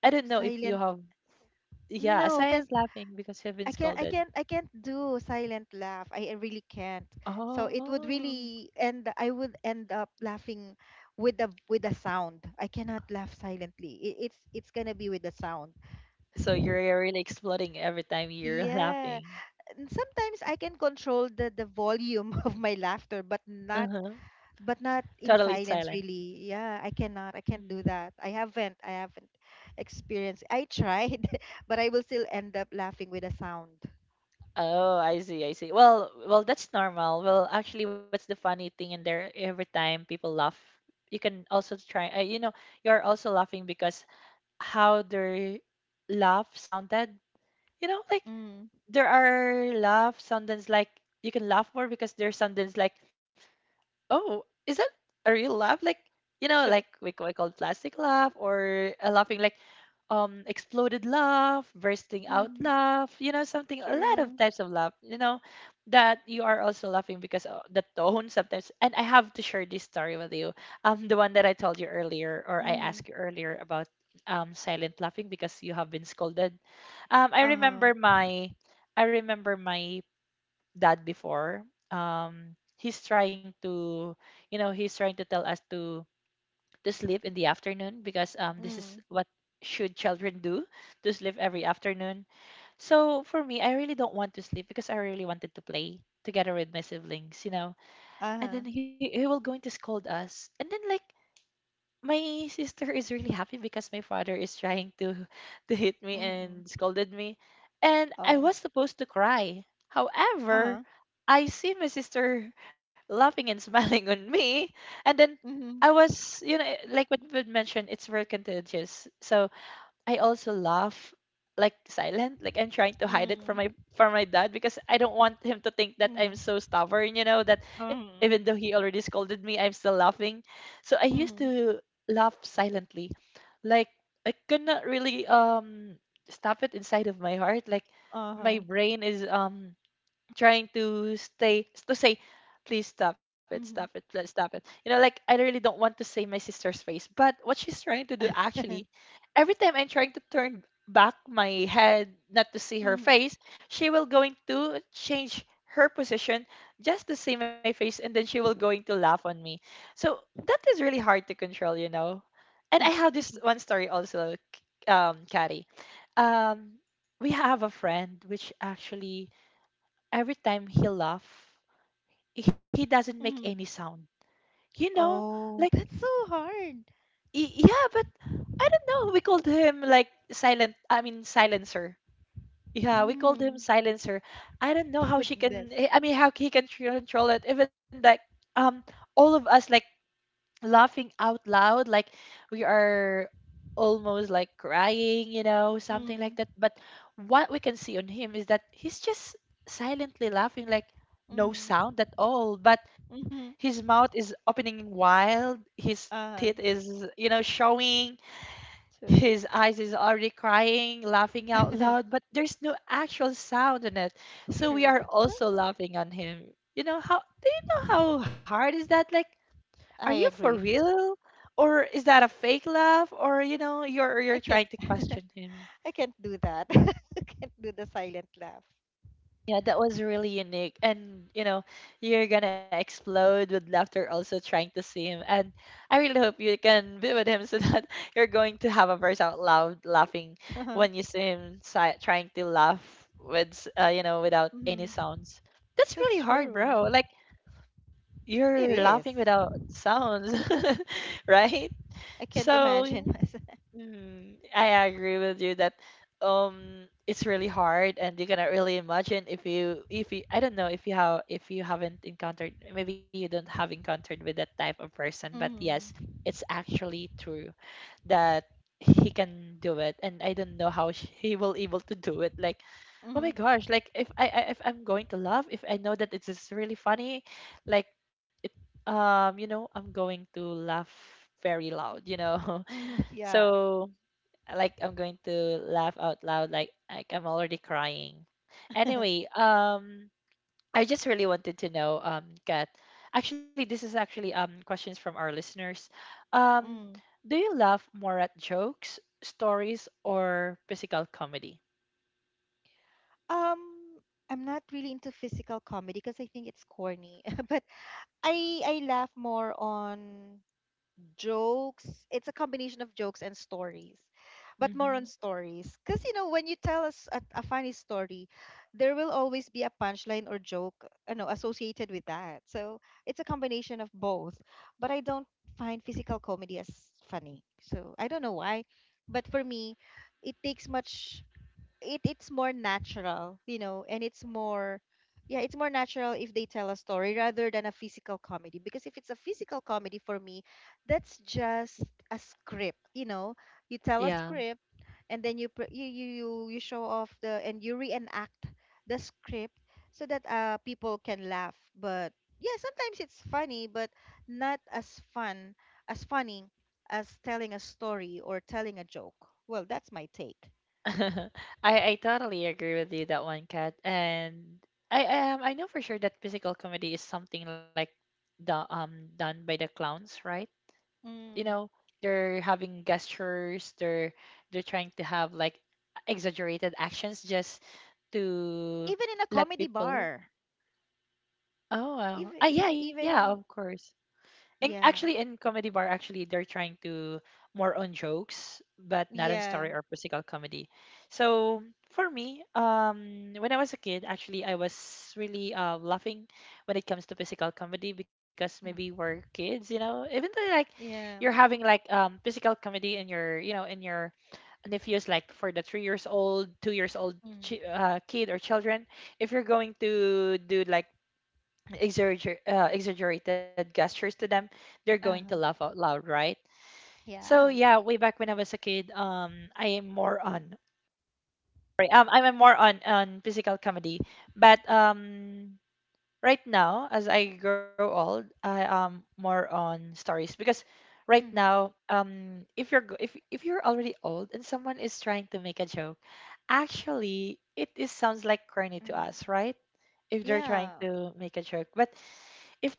Speaker 1: I don't know if you
Speaker 2: Silent.
Speaker 1: have. Yeah, a
Speaker 2: No,
Speaker 1: silent laughing because you have been
Speaker 2: I can't I
Speaker 1: scolded.
Speaker 2: can't I can't do silent laugh. I really can't. So it would
Speaker 1: Oh.
Speaker 2: really end. I would end up laughing with the sound. I cannot laugh silently. It's gonna be with the sound.
Speaker 1: So you're really exploding every time you're
Speaker 2: Yeah.
Speaker 1: laughing.
Speaker 2: And sometimes I can control the volume of my laughter,
Speaker 1: Uh-huh.
Speaker 2: but not in
Speaker 1: Totally
Speaker 2: silence
Speaker 1: silent.
Speaker 2: really. Yeah, I cannot. I can't
Speaker 1: Mhm.
Speaker 2: do that. I haven't experienced. I tried, but I will still end up laughing with a sound.
Speaker 1: Oh, I see, I see. Well, well, that's normal. Well, actually, what's the funny thing in there? Every time people laugh, you can also try. You're also laughing because how their laugh sounded. You know, like
Speaker 2: Mm,
Speaker 1: there are laugh sounds like you can laugh more because there are sounds like, oh, is that a real laugh? Like, you know, like
Speaker 2: true.
Speaker 1: we call plastic laugh or a laughing like exploded laugh, bursting out laugh, you know, something, a lot
Speaker 2: True.
Speaker 1: of types of laugh, you know, that you are also laughing because of the tone sometimes. And I have to share this story with you. The one that I told you earlier or I
Speaker 2: Mm-hmm.
Speaker 1: asked you earlier about silent laughing because you have been scolded. Um I
Speaker 2: Uh-huh.
Speaker 1: remember my I remember my dad before. He's trying to, you know, he's trying to tell us to sleep in the afternoon because this is
Speaker 2: Mm.
Speaker 1: what should children do, to sleep every afternoon. So for me, I really don't want to sleep because I really wanted to play together with my siblings, you know. And
Speaker 2: Uh-huh.
Speaker 1: then he will going to scold us. And then, like, my sister is really happy because my father is trying to to hit me
Speaker 2: Mm-mm.
Speaker 1: and scolded me, and I
Speaker 2: Oh.
Speaker 1: was supposed to cry. However,
Speaker 2: Uh-huh.
Speaker 1: I see my sister laughing and smiling on me. And then I
Speaker 2: Mm-hmm.
Speaker 1: was, you know, like what we mentioned, it's very contagious. So I also laugh like silent, like I'm trying to hide it from
Speaker 2: Mm.
Speaker 1: my dad because I don't want him to think that I'm
Speaker 2: Mm.
Speaker 1: so stubborn, you know, that even though
Speaker 2: Mm.
Speaker 1: he already scolded me, I'm still laughing. So I used
Speaker 2: Mm.
Speaker 1: to laugh silently. Like I could not really stop it inside of my heart. Like my
Speaker 2: Uh-huh.
Speaker 1: brain is trying to say please stop it, stop it,
Speaker 2: Mm.
Speaker 1: please stop it, you know. Like I really don't want to say my sister's face, but what she's trying to do actually, every time I'm trying to turn back my head not to see her
Speaker 2: Mm.
Speaker 1: face, she will going to change her position just to see my face. And then she will going to laugh on me. So that is really hard to control, you know. And I have this one story also, Caddy. um we have a friend which actually every time he laugh, he doesn't make any
Speaker 2: Mm.
Speaker 1: sound. You know, like,
Speaker 2: Oh, that's so hard.
Speaker 1: yeah, but I don't know, we called him like silent. I mean silencer. Yeah, we called him
Speaker 2: Mm.
Speaker 1: silencer. I don't know how she
Speaker 2: Goodness.
Speaker 1: can. I mean, how he can control it. Even like um, all of us like laughing out loud, like we are almost like crying, you know, something like
Speaker 2: Mm.
Speaker 1: that. But what we can see on him is that he's just silently laughing, like no
Speaker 2: Mm.
Speaker 1: sound at all. But his
Speaker 2: Mm.
Speaker 1: mouth is opening wide, his teeth
Speaker 2: Uh-huh.
Speaker 1: is, you know, showing,
Speaker 2: True.
Speaker 1: his eyes is already crying, laughing out loud, but there's no actual sound in it. So we
Speaker 2: True.
Speaker 1: are
Speaker 2: That's so
Speaker 1: also
Speaker 2: hard.
Speaker 1: laughing on him. You know, how do you know how hard is that? Like, are you
Speaker 2: I
Speaker 1: for
Speaker 2: agree.
Speaker 1: real? Or is that a fake laugh? Or, you know, you're
Speaker 2: I
Speaker 1: you're
Speaker 2: can't
Speaker 1: trying to question him.
Speaker 2: I can't do that. I can't do the silent laugh.
Speaker 1: Yeah, that was really unique. And, you know, you're gonna explode with laughter also trying to see him. And I really hope you can be with him so that you're going to have a verse out loud laughing
Speaker 2: Uh-huh.
Speaker 1: when you see him trying to laugh without any
Speaker 2: Mm-hmm.
Speaker 1: sounds. That's
Speaker 2: That's
Speaker 1: really hard,
Speaker 2: true.
Speaker 1: bro. Like you're
Speaker 2: It
Speaker 1: laughing
Speaker 2: is.
Speaker 1: without sounds, right?
Speaker 2: I can't
Speaker 1: So,
Speaker 2: imagine myself.
Speaker 1: I agree with you that it's really hard and you cannot really imagine if you I don't know if you have if you haven't encountered. Maybe you don't have encountered with that type of person, but yes,
Speaker 2: Mm-hmm.
Speaker 1: it's actually true that he can do it. And I don't know how he will able to do it. Like, oh
Speaker 2: Mm-hmm.
Speaker 1: my gosh, like if I'm going to laugh, if I know that it is really funny, like, it you know I'm going to laugh very loud, you know.
Speaker 2: Mm-hmm. Yeah.
Speaker 1: So, like I'm going to laugh out loud, like I'm already crying.
Speaker 2: Mm.
Speaker 1: Anyway, I just really wanted to know, Kat. Actually, this is actually questions from our listeners. Um,
Speaker 2: Um,
Speaker 1: do you laugh more at jokes, stories, or physical comedy?
Speaker 2: I'm not really into physical comedy because I think it's corny. But I laugh more on jokes. It's a combination of jokes and stories, but more on
Speaker 1: Mm-hmm.
Speaker 2: stories. Because, you know, when you tell us a funny story, there will always be a punchline or joke, you know, associated with that. So it's a combination of both. But I don't find physical comedy as funny. So I don't know why. But for me, it takes much it it's more natural, you know, and it's more yeah, it's more natural if they tell a story rather than a physical comedy. Because if it's a physical comedy for me, that's just a script, you know. You tell a
Speaker 1: Yeah,
Speaker 2: script, and then you pr- you show off the and you reenact the script so that people can laugh. But yeah, sometimes it's funny, but not as fun as funny as telling a story or telling a joke. Well, that's my take.
Speaker 1: I I totally agree with you that one, Kat. And I I know for sure that physical comedy is something like the done by the clowns, right? You know, they're having gestures, they're trying to have like exaggerated actions just to
Speaker 2: Even in a
Speaker 1: let
Speaker 2: comedy
Speaker 1: people,
Speaker 2: bar
Speaker 1: oh wow,
Speaker 2: even
Speaker 1: ah, yeah, yeah,
Speaker 2: even
Speaker 1: of
Speaker 2: in
Speaker 1: course. Actually,
Speaker 2: yeah
Speaker 1: in comedy bar, actually they're trying to, more on jokes, but not on
Speaker 2: yeah
Speaker 1: story or physical comedy. So for me, when I was a kid, actually I was really laughing when it comes to physical comedy because maybe
Speaker 2: mm,
Speaker 1: we're kids, you know. Even though like you're
Speaker 2: yeah
Speaker 1: having like physical comedy in your, you know, in your nephews like for the 3 years old, 2 years old,
Speaker 2: mm,
Speaker 1: kid or children. If you're going to do like exaggerated gestures to them, they're going to laugh
Speaker 2: uh-huh
Speaker 1: out loud, right? So
Speaker 2: yeah
Speaker 1: yeah, way back when I was a kid, I'm more on physical comedy, but right now as I grow old, I am more on stories because right
Speaker 2: mm-hmm,
Speaker 1: now, if you're already old and someone is trying to make a joke, actually, it is sounds like corny to
Speaker 2: mm,
Speaker 1: us, right? If they're
Speaker 2: yeah
Speaker 1: trying to make a joke, but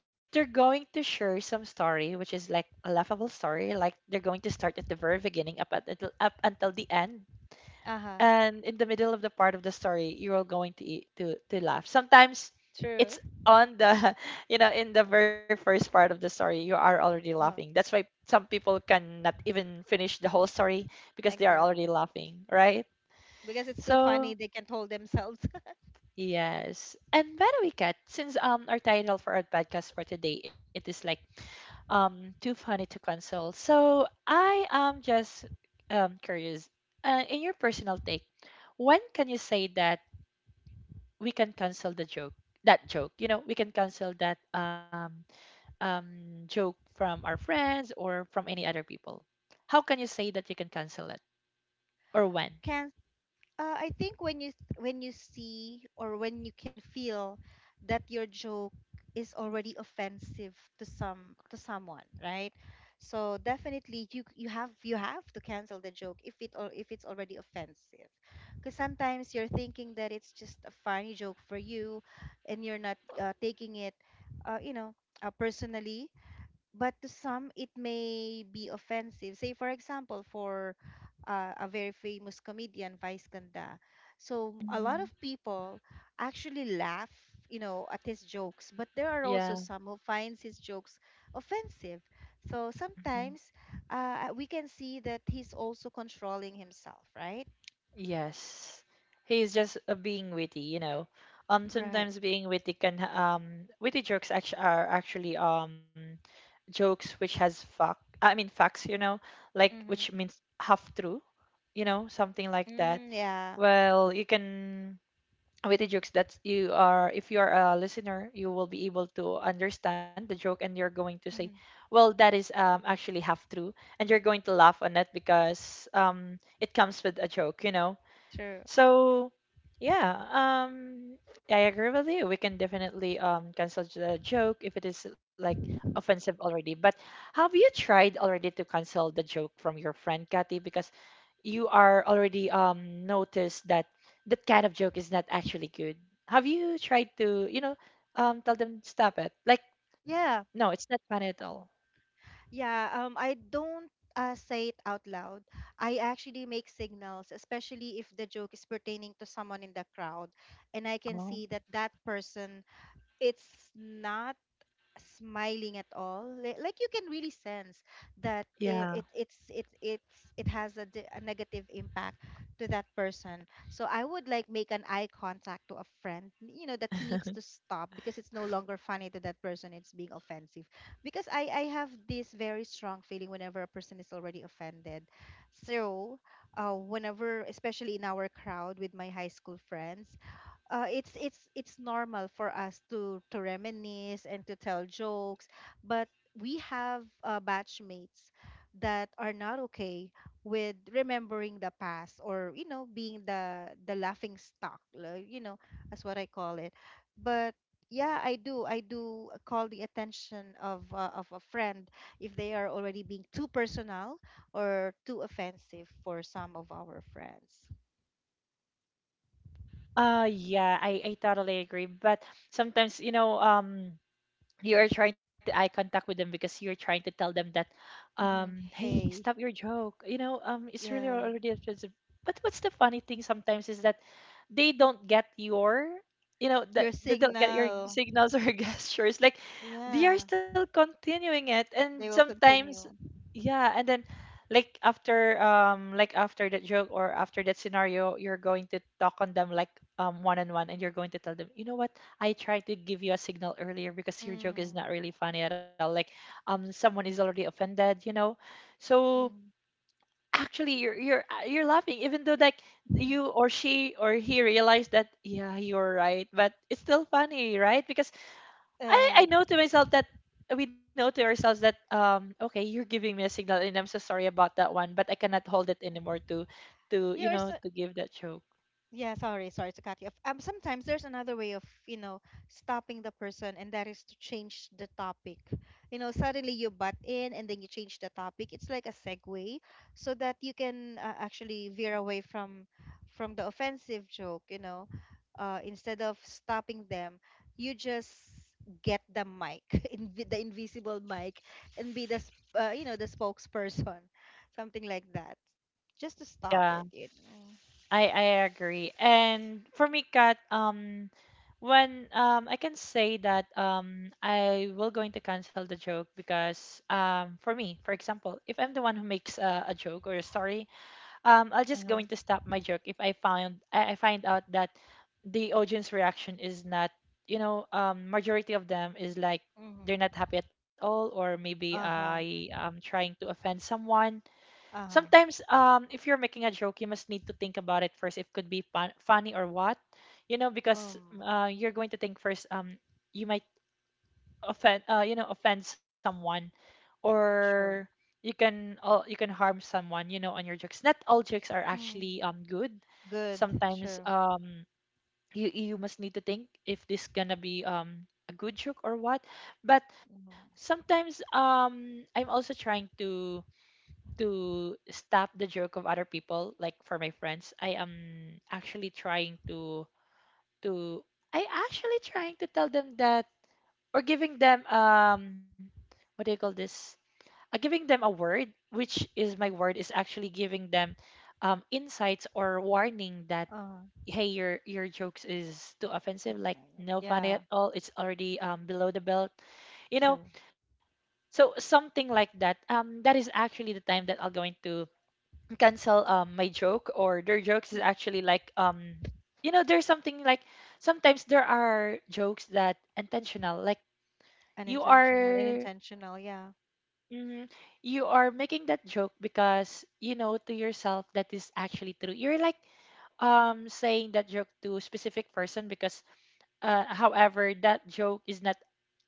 Speaker 1: if they're going to share some story, which is like a laughable story, like they're going to start at the very beginning up until the end,
Speaker 2: uh-huh
Speaker 1: and in the middle of the part of the story, you're all going to eat, to laugh. Sometimes
Speaker 2: true
Speaker 1: it's on the in the very first part of the story, you are already laughing.
Speaker 2: uh,
Speaker 1: That's why some people cannot even finish the whole story because they are
Speaker 2: exactly,
Speaker 1: already laughing, right?
Speaker 2: because it's too funny
Speaker 1: So,
Speaker 2: they can't hold themselves.
Speaker 1: yes. And by the way, Kat, since our title for our podcast for today, it is like too funny to console. So I am just curious. In your personal take, when can you say that we can cancel the joke? That joke, you know, we can cancel that um joke from our friends or from any other people. How can you say that you can cancel it, or when?
Speaker 2: Can I think when you see, or when you can feel that your joke is already offensive to someone, right? So definitely you you have to cancel the joke if it, or if it's already offensive. Because sometimes you're thinking that it's just a funny joke for you, and you're not taking it, you know, personally, but to some it may be offensive. Say for example, for a very famous comedian, Vice Ganda. So a lot
Speaker 1: Mhm.
Speaker 2: of people actually laugh, you know, at his jokes, but there are also
Speaker 1: Yeah.
Speaker 2: some who finds his jokes offensive. So
Speaker 1: Mm-hmm.
Speaker 2: sometimes we can see that he's also controlling himself, right?
Speaker 1: Yes. He's just being witty, you know.
Speaker 2: Right.
Speaker 1: Sometimes being witty can witty jokes are actually jokes which has fact I mean facts, you know, like, which
Speaker 2: Mm-hmm.
Speaker 1: means half true, you know, something like that.
Speaker 2: Mm, yeah.
Speaker 1: Well, you can witty jokes that you are if you are a listener, you will be able to understand the joke and you're going to say,
Speaker 2: Mm-hmm.
Speaker 1: well, that is actually half true, and you're going to laugh on it because it comes with a joke,
Speaker 2: True.
Speaker 1: so, yeah, I agree with you. We can definitely cancel the joke if it is like offensive already. But have you tried already to cancel the joke from your friend, Kathy? Because you are already noticed that that kind of joke is not actually good. Have you tried to, tell them stop it? Like,
Speaker 2: Yeah.
Speaker 1: no, it's not funny at all.
Speaker 2: Yeah, I don't say it out loud. I actually make signals, especially if the joke is pertaining to someone in the crowd, and I can
Speaker 1: Oh,
Speaker 2: see that that person it's not smiling at all li- like you can really sense that
Speaker 1: yeah.
Speaker 2: I- it it's it has a, di- a negative impact to that person. So I would like make an eye contact to a friend, you know, that he needs to stop, because it's no longer funny to that person, it's being offensive. Because I have this very strong feeling whenever a person is already offended. So whenever, especially in our crowd with my high school friends, it's normal for us to reminisce and to tell jokes, but we have batchmates that are not okay with remembering the past, or you know, being the laughing stock, like, you know, that's what I call it. But yeah, I do. I do call the attention of a friend if they are already being too personal or too offensive for some of our friends.
Speaker 1: Yeah, I totally agree. But sometimes, you are trying to eye contact with them because you're trying to tell them that
Speaker 2: Hmm.
Speaker 1: hey, stop
Speaker 2: Hey,
Speaker 1: your joke, it's really
Speaker 2: yeah.
Speaker 1: already expensive. But what's the funny thing sometimes is that they don't get your you know
Speaker 2: Your
Speaker 1: that they don't get your
Speaker 2: signal.
Speaker 1: signals or gestures, like they are
Speaker 2: Yeah,
Speaker 1: still continuing it, and
Speaker 2: they will
Speaker 1: sometimes
Speaker 2: continue.
Speaker 1: yeah, and then like after that joke or after that scenario, you're going to talk on them, like one on one, and you're going to tell them, "You know what? I tried to give you a signal earlier because your joke is not
Speaker 2: Mm.
Speaker 1: really funny at all. Like someone is already offended." So
Speaker 2: Mm.
Speaker 1: actually you're laughing even though, like, you or she or he realized that yeah, you're right, but it's still funny, right? Because I,
Speaker 2: Uh,
Speaker 1: I know to myself that we know to ourselves that okay, you're giving me a signal and I'm so sorry about that one, but I cannot hold it anymore to
Speaker 2: Yours.
Speaker 1: to give that joke.
Speaker 2: Yeah, sorry, sorry to cut you off. Sometimes there's another way of, stopping the person, and that is to change the topic. You know, suddenly you butt in and then you change the topic. It's like a segue so that you can actually veer away from the offensive joke. Instead of stopping them, you just get the mic, inv the invisible mic, and be the, sp- you know, the spokesperson, something like that, just to stop
Speaker 1: Yeah,
Speaker 2: it,
Speaker 1: I agree. And for me, Kat, when I can say that I will going to cancel the joke because for me, for example, if I'm the one who makes a joke or a story, I'll just
Speaker 2: know.
Speaker 1: going to stop my joke if I found I find out that the audience reaction is not majority of them is like they're not
Speaker 2: Mm-hmm.
Speaker 1: happy at all, or maybe
Speaker 2: Uh-huh.
Speaker 1: I am trying to offend someone.
Speaker 2: Uh-huh.
Speaker 1: Sometimes if you're making a joke you must need to think about it first if could be funny or what. You know, because
Speaker 2: Um,
Speaker 1: you're going to think first you might offend someone, or
Speaker 2: True.
Speaker 1: you can harm someone, on your jokes. Not all jokes are
Speaker 2: Mm.
Speaker 1: actually good.
Speaker 2: Good.
Speaker 1: Sometimes
Speaker 2: True.
Speaker 1: you must need to think if this gonna be a good joke or what. But
Speaker 2: Mm-hmm.
Speaker 1: sometimes I'm also trying to stop the joke of other people. Like for my friends, I am actually trying to to i tell them that, or giving them what do you call this, giving them a word, which is my word, is actually giving them insights or warning that
Speaker 2: Uh-huh.
Speaker 1: hey, your jokes is too
Speaker 2: It's
Speaker 1: offensive,
Speaker 2: like
Speaker 1: like
Speaker 2: good.
Speaker 1: no funny
Speaker 2: Yeah.
Speaker 1: at all. It's already below the belt, you know.
Speaker 2: True.
Speaker 1: So something like that. That is actually the time that I'll going to cancel my joke, or their jokes is
Speaker 2: Mm.
Speaker 1: actually like there's something like sometimes there are jokes that intentional, like you
Speaker 2: Unintentional and
Speaker 1: are
Speaker 2: intentional, yeah.
Speaker 1: Mhm. You are making that joke because you know to yourself that is actually true. You're like saying that joke to a specific person because however that joke is not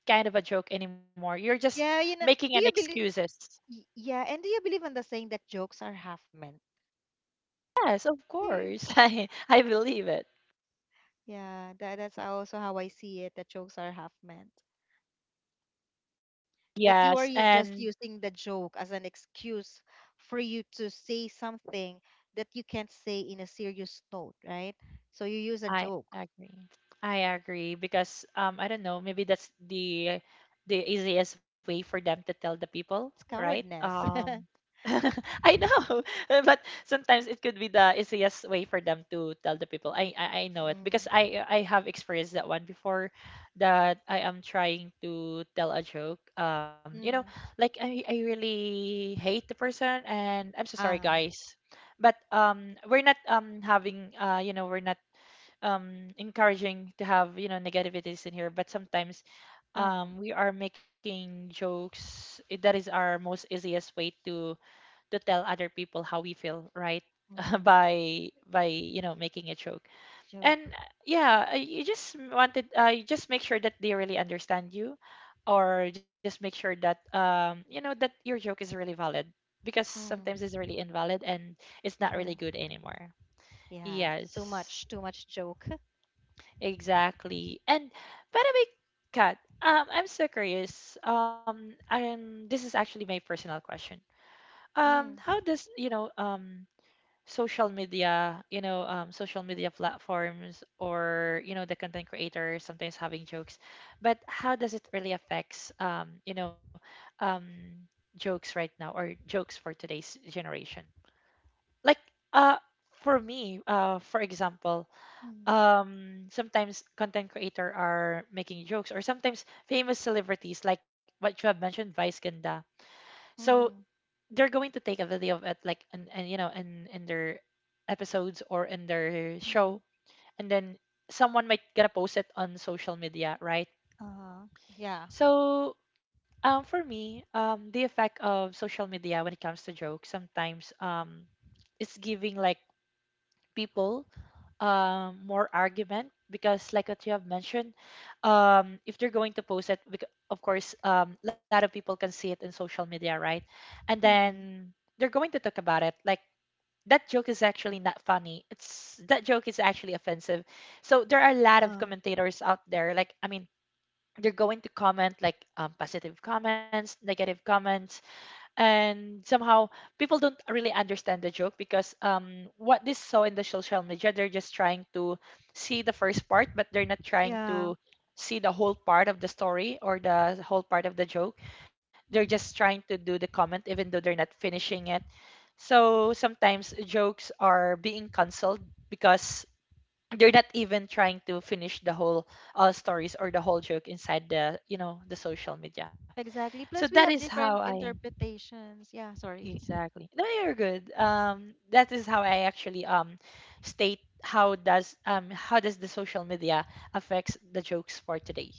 Speaker 1: kind of a joke anymore. You're just
Speaker 2: Yeah,
Speaker 1: making an excuses.
Speaker 2: do you believe in the saying that jokes are half meant?
Speaker 1: Yes, of
Speaker 2: Do you-
Speaker 1: course. I believe it.
Speaker 2: Yeah, that's also how I see it, that jokes are half meant. That you are
Speaker 1: Yes,
Speaker 2: just
Speaker 1: and
Speaker 2: using the joke as an excuse for you to say something that you can't say in a serious note, right? So you use a
Speaker 1: I
Speaker 2: joke.
Speaker 1: agree. I agree because I don't know, maybe that's the easiest way for them to tell the people,
Speaker 2: It's
Speaker 1: right?
Speaker 2: cowardness.
Speaker 1: I know, but sometimes it could be the easiest way for them to tell the people. I know it, because
Speaker 2: Mm.
Speaker 1: I have experienced that one before, that I am trying to tell a joke.
Speaker 2: Mm.
Speaker 1: Like I really hate the person, and I'm so sorry
Speaker 2: Uh,
Speaker 1: guys, but we're not having you know we're not encouraging to have negativities in here, but sometimes
Speaker 2: um,
Speaker 1: we are making jokes, that is our most easiest way to tell other people how we feel, right?
Speaker 2: mm.
Speaker 1: By making a joke,
Speaker 2: Joke.
Speaker 1: and yeah, you just make sure that they really understand you, or just make sure that that your joke is really valid, because sometimes
Speaker 2: Mm.
Speaker 1: it's really invalid and it's not really
Speaker 2: True.
Speaker 1: good anymore.
Speaker 2: Yeah, it's
Speaker 1: Yes.
Speaker 2: too much joke.
Speaker 1: Exactly. And by the way, Kat, I'm so curious. And this is actually my personal question. How
Speaker 2: Mm.
Speaker 1: does, social media, social media platforms, or, the content creators sometimes having jokes, but how does it really affects, um, jokes right now, or jokes for today's generation? Like, uh, for me, for example,
Speaker 2: Mm.
Speaker 1: sometimes content creator are making jokes, or sometimes famous celebrities, like what you have mentioned, Vice Ganda. So
Speaker 2: Mm-hmm.
Speaker 1: they're going to take a video of it, like, and you know, in their episodes or in their show,
Speaker 2: Mm.
Speaker 1: and then someone might gonna post it on social media, right?
Speaker 2: Uh-huh. Yeah.
Speaker 1: So for me, the effect of social media when it comes to jokes, sometimes it's giving, like, people more argument, because like what you have mentioned, if they're going to post it, of course a lot of people can see it in social media, right? And
Speaker 2: Mm-hmm.
Speaker 1: then they're going to talk about it like that joke is actually not funny, it's that joke is actually offensive. So there are a lot of
Speaker 2: Uh,
Speaker 1: commentators out there, like, I mean, they're going to comment, like, positive comments, negative comments, and somehow people don't really understand the joke because what they saw in the social media, they're just trying to see the first part, but they're not trying
Speaker 2: yeah.
Speaker 1: to see the whole part of the story or the whole part of the joke. They're just trying
Speaker 2: Mm.
Speaker 1: to do the comment even though they're not finishing it. So sometimes jokes are being cancelled because they're not even trying to finish the whole stories, or the whole joke inside the, the social media. So
Speaker 2: Exactly.
Speaker 1: that
Speaker 2: Plus, we
Speaker 1: is
Speaker 2: have
Speaker 1: how
Speaker 2: different
Speaker 1: I
Speaker 2: interpretations. Yeah, sorry.
Speaker 1: Exactly. No, you're good. That is how I actually state how does the social media affects the jokes for today.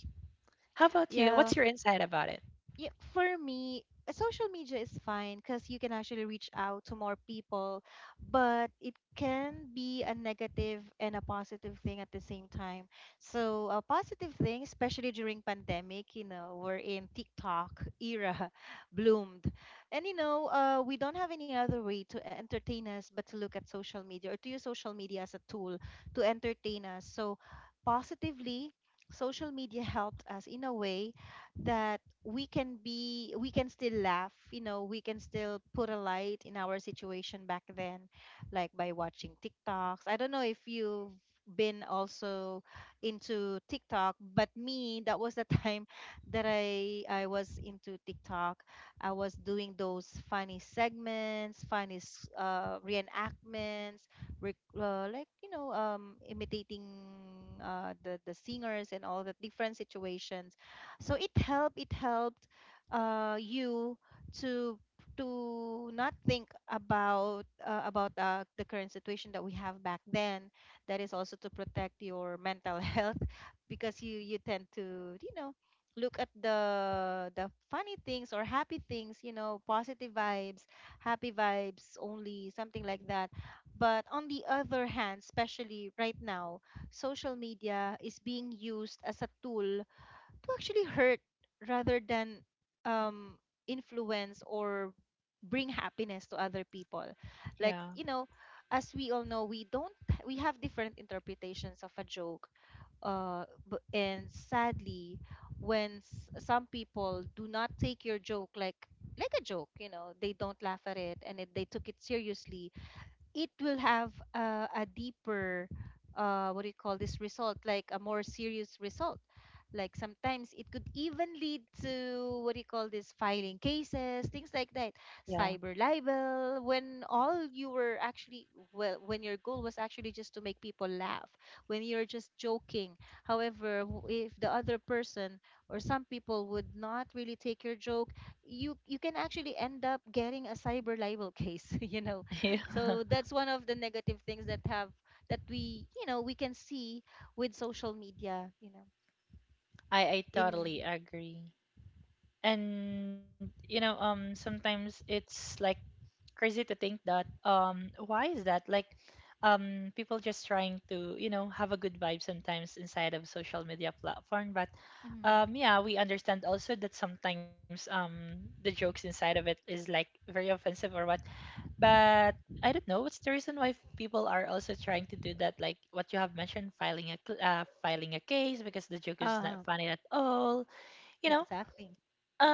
Speaker 1: How about you?
Speaker 2: Yeah.
Speaker 1: What's your insight about it?
Speaker 2: Yeah, for me, social media is fine because you can actually reach out to more people, but it can be a negative and a positive thing at the same time. So, a positive thing, especially during pandemic, we're in TikTok era bloomed. And we don't have any other way to entertain us but to look at social media or to use social media as a tool to entertain us. So, positively, social media helped us in a way that we can still laugh. You know we can still put a light in our situation back then, like by watching TikToks. I don't know if you've been also into TikTok, but me, that was the time that I was into TikTok. I was doing those funny segments, reenactments, like imitating the singers and all the different situations. So it helped you to not think about the current situation that we have back then. That is also to protect your mental health, because you tend to look at the funny things or happy things, positive vibes, happy vibes only, something like that. But on the other hand, especially right now, social media is being used as a tool to actually hurt rather than um, influence or bring happiness to other people, like
Speaker 1: Yeah,
Speaker 2: you know as we all know, we don't, we have different interpretations of a joke. uh and sadly, when some people do not take your joke like a joke, they don't laugh at it, and if they took it seriously, it will have a deeper what do you call this result, like a more serious result. Like sometimes it could even lead to, what do you call this, filing cases, things like that,
Speaker 1: yeah,
Speaker 2: cyber libel. When all you were actually, well, when your goal was actually just to make people laugh, when you're just joking. However, if the other person or some people would not really take your joke, you can actually end up getting a cyber libel case.
Speaker 1: yeah.
Speaker 2: So that's one of the negative things that have, that we you know we can see with social media.
Speaker 1: I
Speaker 2: In.
Speaker 1: totally agree. And, sometimes it's like crazy to think that why is that, like people just trying to have a good vibe sometimes inside of social media platform, but
Speaker 2: mm,
Speaker 1: yeah, we understand also that sometimes the jokes inside of it is like very offensive or what, but I don't know what's the reason why people are also trying to do that, like what you have mentioned, filing a case because the joke is
Speaker 2: uh
Speaker 1: not funny at all, you know
Speaker 2: exactly.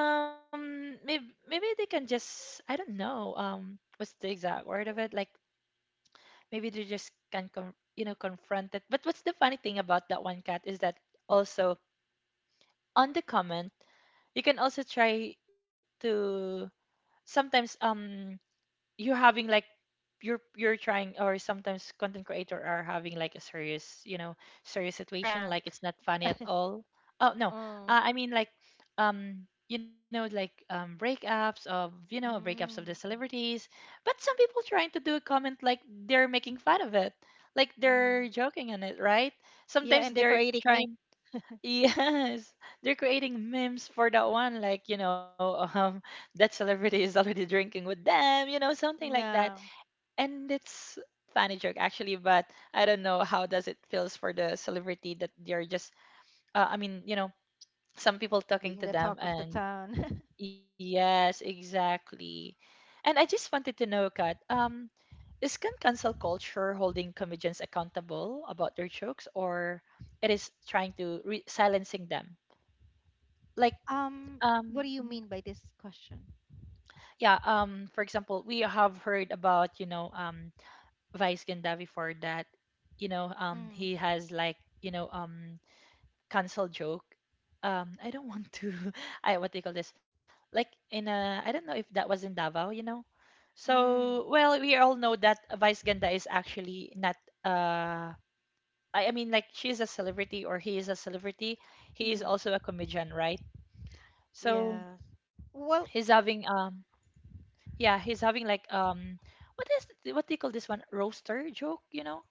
Speaker 1: maybe they can just, I don't know. What's the exact word of it? Like, maybe they just can confront it. But what's the funny thing about that one, cat, is that also on the comment, you can also try to sometimes you're having, like, you're trying, or sometimes content creator are having like a serious you know serious situation,
Speaker 2: Prank.
Speaker 1: like it's not funny at all. Oh, no.
Speaker 2: Um
Speaker 1: I mean, like breakups of the
Speaker 2: mm,
Speaker 1: celebrities, but some people trying to do a comment, like they're making fun of it, like they're
Speaker 2: mm.
Speaker 1: joking on it, right?
Speaker 2: Yeah,
Speaker 1: Sometimes
Speaker 2: and
Speaker 1: they're
Speaker 2: decorating me.
Speaker 1: trying yes, they're creating memes for that one, like that celebrity is already drinking with them, something like that,
Speaker 2: Yeah,
Speaker 1: and it's funny joke actually, but I don't know how does it feels for the celebrity, that they're just I mean, some people talking
Speaker 2: being
Speaker 1: to
Speaker 2: the
Speaker 1: them,
Speaker 2: talk of the
Speaker 1: and
Speaker 2: town.
Speaker 1: yes, exactly. And I just wanted to know, kat, is can cancel culture holding comedians accountable about their jokes, or it is trying to silencing them, like
Speaker 2: Um, what do
Speaker 1: um
Speaker 2: you mean by this question?
Speaker 1: yeah, for example, we have heard about, Vice Ganda before that, you know,
Speaker 2: Mm,
Speaker 1: he has like, cancel joke. I don't want to. I what do you call this? Like, I don't know if that was in Davao, So
Speaker 2: mm,
Speaker 1: well, we all know that Vice Ganda is actually not. Uh, I mean, like she's a celebrity, or he is a celebrity. He is
Speaker 2: mm.
Speaker 1: also a comedian, right? So
Speaker 2: Yeah.
Speaker 1: he's
Speaker 2: Well,
Speaker 1: having yeah, he's having like what do you call this one? Roaster joke, you know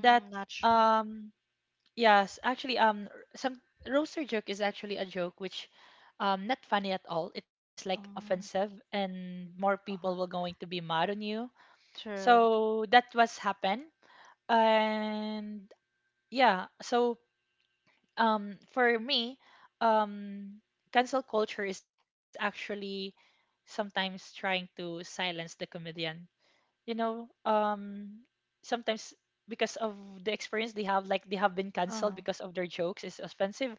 Speaker 1: that
Speaker 2: not sure.
Speaker 1: um Yes, actually, some roaster joke is actually a joke which, not funny at all. It is like offensive,
Speaker 2: Um,
Speaker 1: and more people will
Speaker 2: uh-huh.
Speaker 1: going to be mad on you.
Speaker 2: True.
Speaker 1: So that was happened, and yeah. So for me, um, cancel culture is actually sometimes trying to silence the comedian. You know, um, sometimes because of the experience they have, like they have been canceled
Speaker 2: Uh-huh.
Speaker 1: because of their jokes is offensive,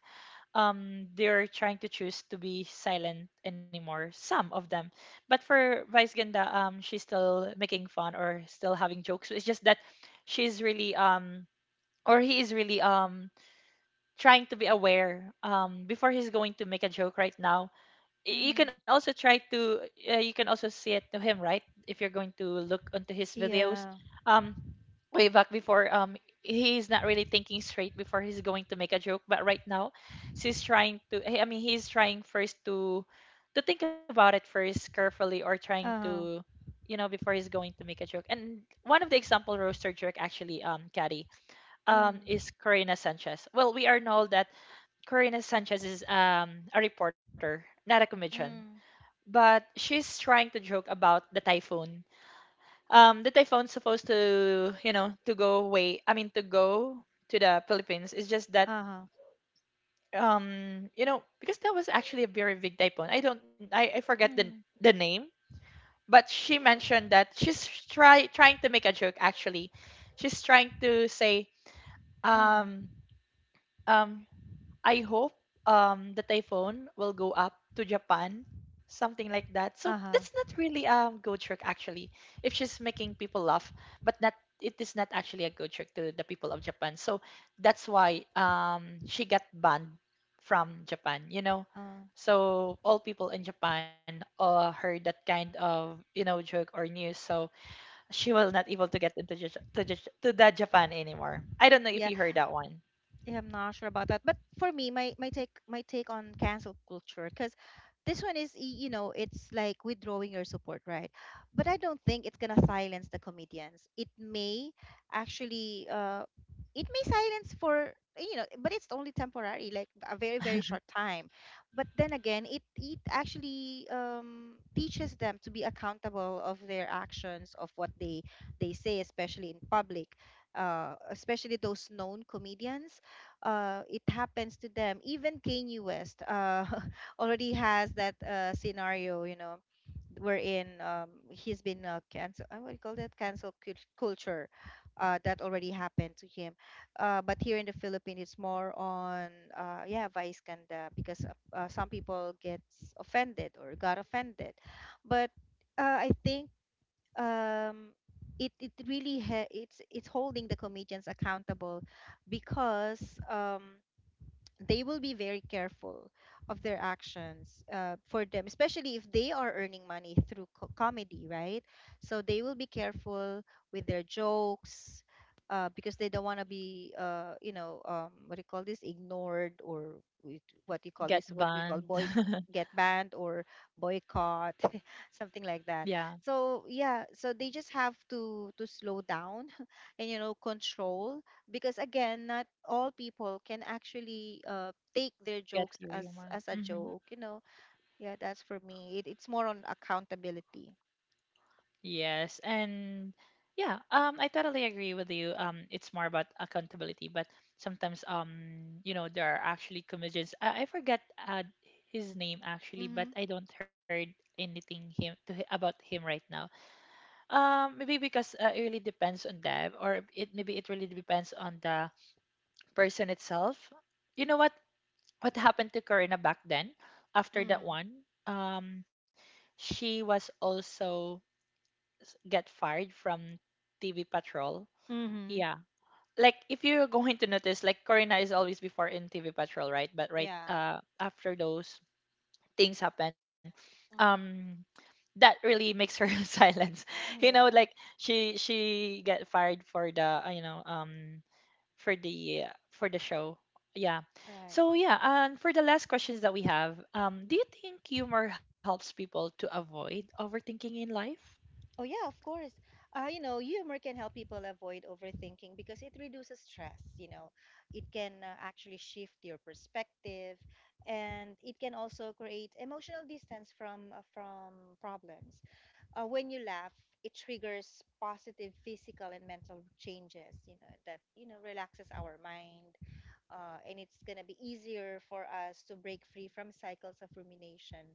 Speaker 1: they're trying to choose to be silent anymore, some of them. But for Vice Ganda, she's still making fun or still having jokes. It's just that she's really or he is really trying to be aware before he's going to make a joke right now. You
Speaker 2: Mm,
Speaker 1: can also try to, you can also see it to him, right? If you're going to look onto his videos,
Speaker 2: yeah.
Speaker 1: um way back before, he's not really thinking straight before he's going to make a joke, but right now she's trying to, I mean, he's trying first to think about it first carefully, or trying
Speaker 2: Uh-huh.
Speaker 1: to, you know, before he's going to make a joke. And one of the example roaster jerk actually, caddy,
Speaker 2: Mm,
Speaker 1: is Corina Sanchez. Well, we are know that Corina Sanchez is a reporter, not a comedian,
Speaker 2: mm,
Speaker 1: but she's trying to joke about the typhoon. The typhoon's supposed to, you know, to go away, I mean to go to the Philippines. It's just that
Speaker 2: uh-huh.
Speaker 1: you know, because that was actually a very big typhoon. I don't I forget
Speaker 2: Mm,
Speaker 1: the name, but she mentioned that she's trying to make a joke. Actually, she's trying to say um
Speaker 2: mm,
Speaker 1: um I hope the typhoon will go up to Japan, something like that. So that's
Speaker 2: uh-huh.
Speaker 1: not really good trick actually. If she's making people laugh, but not, it is not actually a good trick to the people of Japan. So that's why she got banned from Japan, you know.
Speaker 2: Uh,
Speaker 1: So all people in Japan heard that kind of, you know, joke or news. So she was not able to get into Jus- to, Jus- to the Japan anymore. I don't know if
Speaker 2: yeah.
Speaker 1: you heard that one.
Speaker 2: Yeah, I'm not sure about that. But for me, my take on cancel culture, because this one is, it's like withdrawing your support, right? But I don't think it's gonna silence the comedians. It may actually it may silence for, but it's only temporary, like a very very short time. But then again, it actually, teaches them to be accountable of their actions, of what they say, especially in public, uh, especially those known comedians. It happens to them. Even Kanye West already has that scenario, wherein he's been cancel. I would call that cancel culture. That already happened to him. But here in the Philippines, it's more on yeah, Vice Ganda, because some people gets offended or got offended. But I think um it it really ha- it's holding the comedians accountable, because they will be very careful of their actions, for them, especially if they are earning money through comedy, right? So they will be careful with their jokes, because they don't want to be, what do you call this, ignored or what you call
Speaker 1: Get
Speaker 2: this, what we call
Speaker 1: banned.
Speaker 2: boy get banned, or boycott, something like that.
Speaker 1: Yeah,
Speaker 2: So yeah, so they just have to slow down and control, because again, not all people can actually take their
Speaker 1: get
Speaker 2: jokes
Speaker 1: your
Speaker 2: as
Speaker 1: humor.
Speaker 2: a
Speaker 1: Hmm.
Speaker 2: joke. Yeah, that's for me, it's more on accountability.
Speaker 1: Yes, and yeah, I totally agree with you. It's more about accountability, but sometimes, there are actually comedians. I forgot uh, his name actually,
Speaker 2: Mm-hmm.
Speaker 1: but I don't heard anything him to about him right now. Maybe because it really depends on them, or it maybe it really depends on the person itself. You know what happened to Karina back then? After
Speaker 2: Mm-hmm.
Speaker 1: that one, she was also get fired from TV Patrol.
Speaker 2: Mm-hmm.
Speaker 1: Yeah. Like if you're going to notice, like Corina is always before in TV Patrol, right? But right
Speaker 2: Yeah.
Speaker 1: after those things happen, um
Speaker 2: Mm-hmm.
Speaker 1: that really makes her silence. You know, like
Speaker 2: Yeah.
Speaker 1: she get fired for the, for the for the show. Yeah.
Speaker 2: Right.
Speaker 1: So yeah, and for the last questions that we have, do you think humor helps people to avoid overthinking in life?
Speaker 2: Oh yeah, of course. Humor can help people avoid overthinking because it reduces stress. It can actually shift your perspective, and it can also create emotional distance from problems. When you laugh, it triggers positive physical and mental changes, that, relaxes our mind. And it's going to be easier for us to break free from cycles of rumination.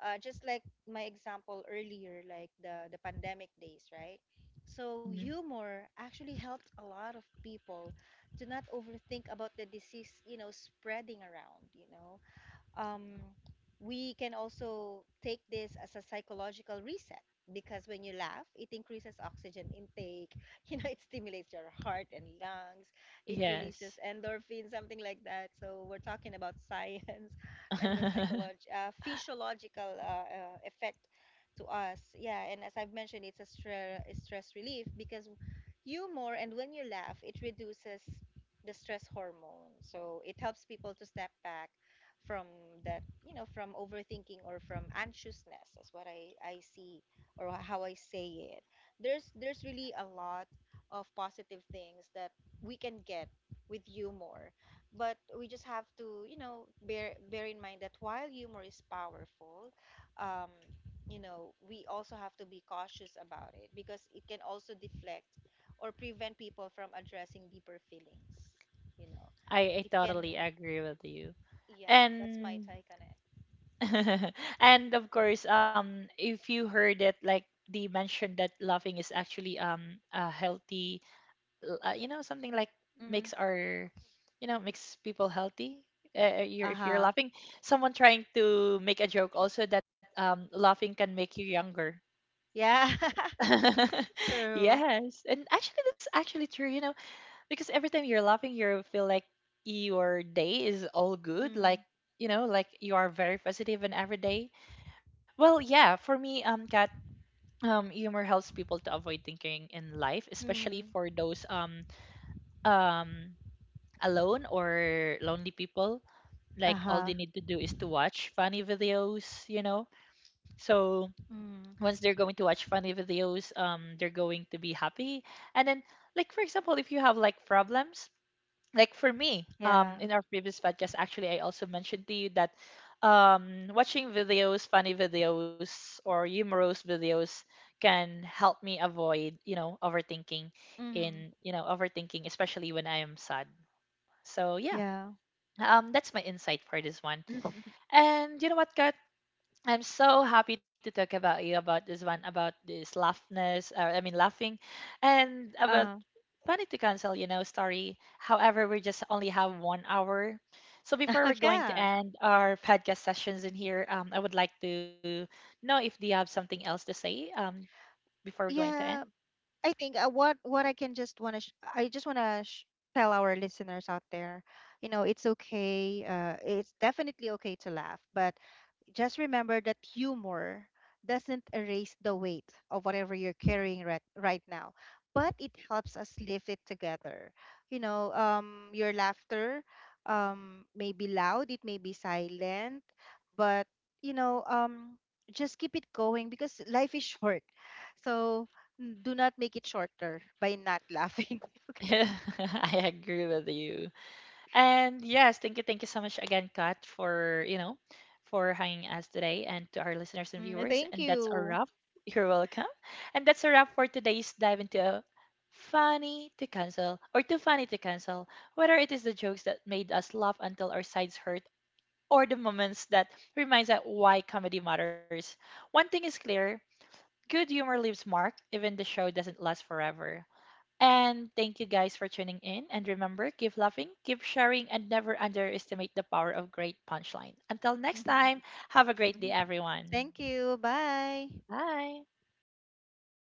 Speaker 2: Just like my example earlier, like the pandemic days, right? So
Speaker 1: Mhm.
Speaker 2: humor actually helped a lot of people to not overthink about the disease, spreading around. Um, we can also take this as a psychological reset, because when you laugh it increases oxygen intake it stimulates your heart and lungs, it releases
Speaker 1: Yes.
Speaker 2: endorphins, something like that. So we're talking about science and the psychology, physiological effect to us. Yeah, and as I've mentioned, it's a a stress relief, because humor, and when you laugh it reduces the stress hormone, so it helps people to step back from that, from overthinking or from anxiousness, is what I see, or how I say it. There's really a lot of positive things that we can get with humor. But we just have to, bear in mind that while humor is powerful, um we also have to be cautious about it, because it can also deflect or prevent people from addressing deeper feelings you know
Speaker 1: I
Speaker 2: it can,
Speaker 1: totally agree with you.
Speaker 2: yeah, that's my
Speaker 1: And
Speaker 2: Thai connect.
Speaker 1: and of course, if you heard it, like they mentioned that laughing is actually a healthy, you know, something like
Speaker 2: Mm-hmm.
Speaker 1: makes our, you know, makes people healthy. You're, if you're
Speaker 2: Uh-huh.
Speaker 1: laughing, someone trying to make a joke also that laughing can make you younger.
Speaker 2: Yeah. True.
Speaker 1: Yes, and actually that's actually true. You know, because every time you're laughing, you feel like your day is all good,
Speaker 2: Mm-hmm.
Speaker 1: like, you know, like you are very positive in every day. Well, yeah, for me, Kat, humor helps people to avoid thinking in life,
Speaker 2: Mm-hmm.
Speaker 1: especially for those um alone or lonely people. Like
Speaker 2: Uh-huh.
Speaker 1: all they need to do is to watch funny videos, you know. So
Speaker 2: Mm-hmm.
Speaker 1: once they're going to watch funny videos, they're going to be happy. And then, like for example, if you have like problems, like for me,
Speaker 2: Yeah.
Speaker 1: in our previous podcast actually, I also mentioned to you that watching videos, funny videos or humorous videos, can help me avoid, you know, overthinking
Speaker 2: Mm-hmm.
Speaker 1: in, you know, overthinking especially when I am sad. So yeah,
Speaker 2: Yeah.
Speaker 1: that's my insight for this one. And you know what guys, I'm so happy to talk about you about this one, about this laughness, or I mean laughing, and about
Speaker 2: Uh-huh.
Speaker 1: funny to cancel, you know, story. However, we just only have one hour, so before we're going to
Speaker 2: Yeah.
Speaker 1: end our podcast sessions in here, I would like to know if do you have something else to say, before we're going to end.
Speaker 2: Yeah. I think what I can just want to sh I just want to sh tell our listeners out there, it's okay. It's definitely okay to laugh, but just remember that humor doesn't erase the weight of whatever you're carrying right now, but it helps us lift it together. Your laughter, may be loud, it may be silent, but, you know um, just keep it going, because life is short. So do not make it shorter by not laughing. Okay.
Speaker 1: I agree with you. And yes, thank you so much again, Kat, for, you know, for hanging us today, and to our listeners and
Speaker 2: Mm,
Speaker 1: viewers. And
Speaker 2: thank
Speaker 1: that's a
Speaker 2: you.
Speaker 1: wrap. You're welcome. And that's a wrap for today's dive into a funny to cancel, or too funny to cancel. Whether it is the jokes that made us laugh until our sides hurt, or the moments that reminds us why comedy matters. One thing is clear: good humor leaves mark, even the show doesn't last forever. And thank you guys for tuning in. And remember, keep laughing, keep sharing, and never underestimate the power of great punchline. Until next
Speaker 2: Mhm.
Speaker 1: time, have a great day, everyone.
Speaker 2: Thank you. Bye.
Speaker 1: Bye.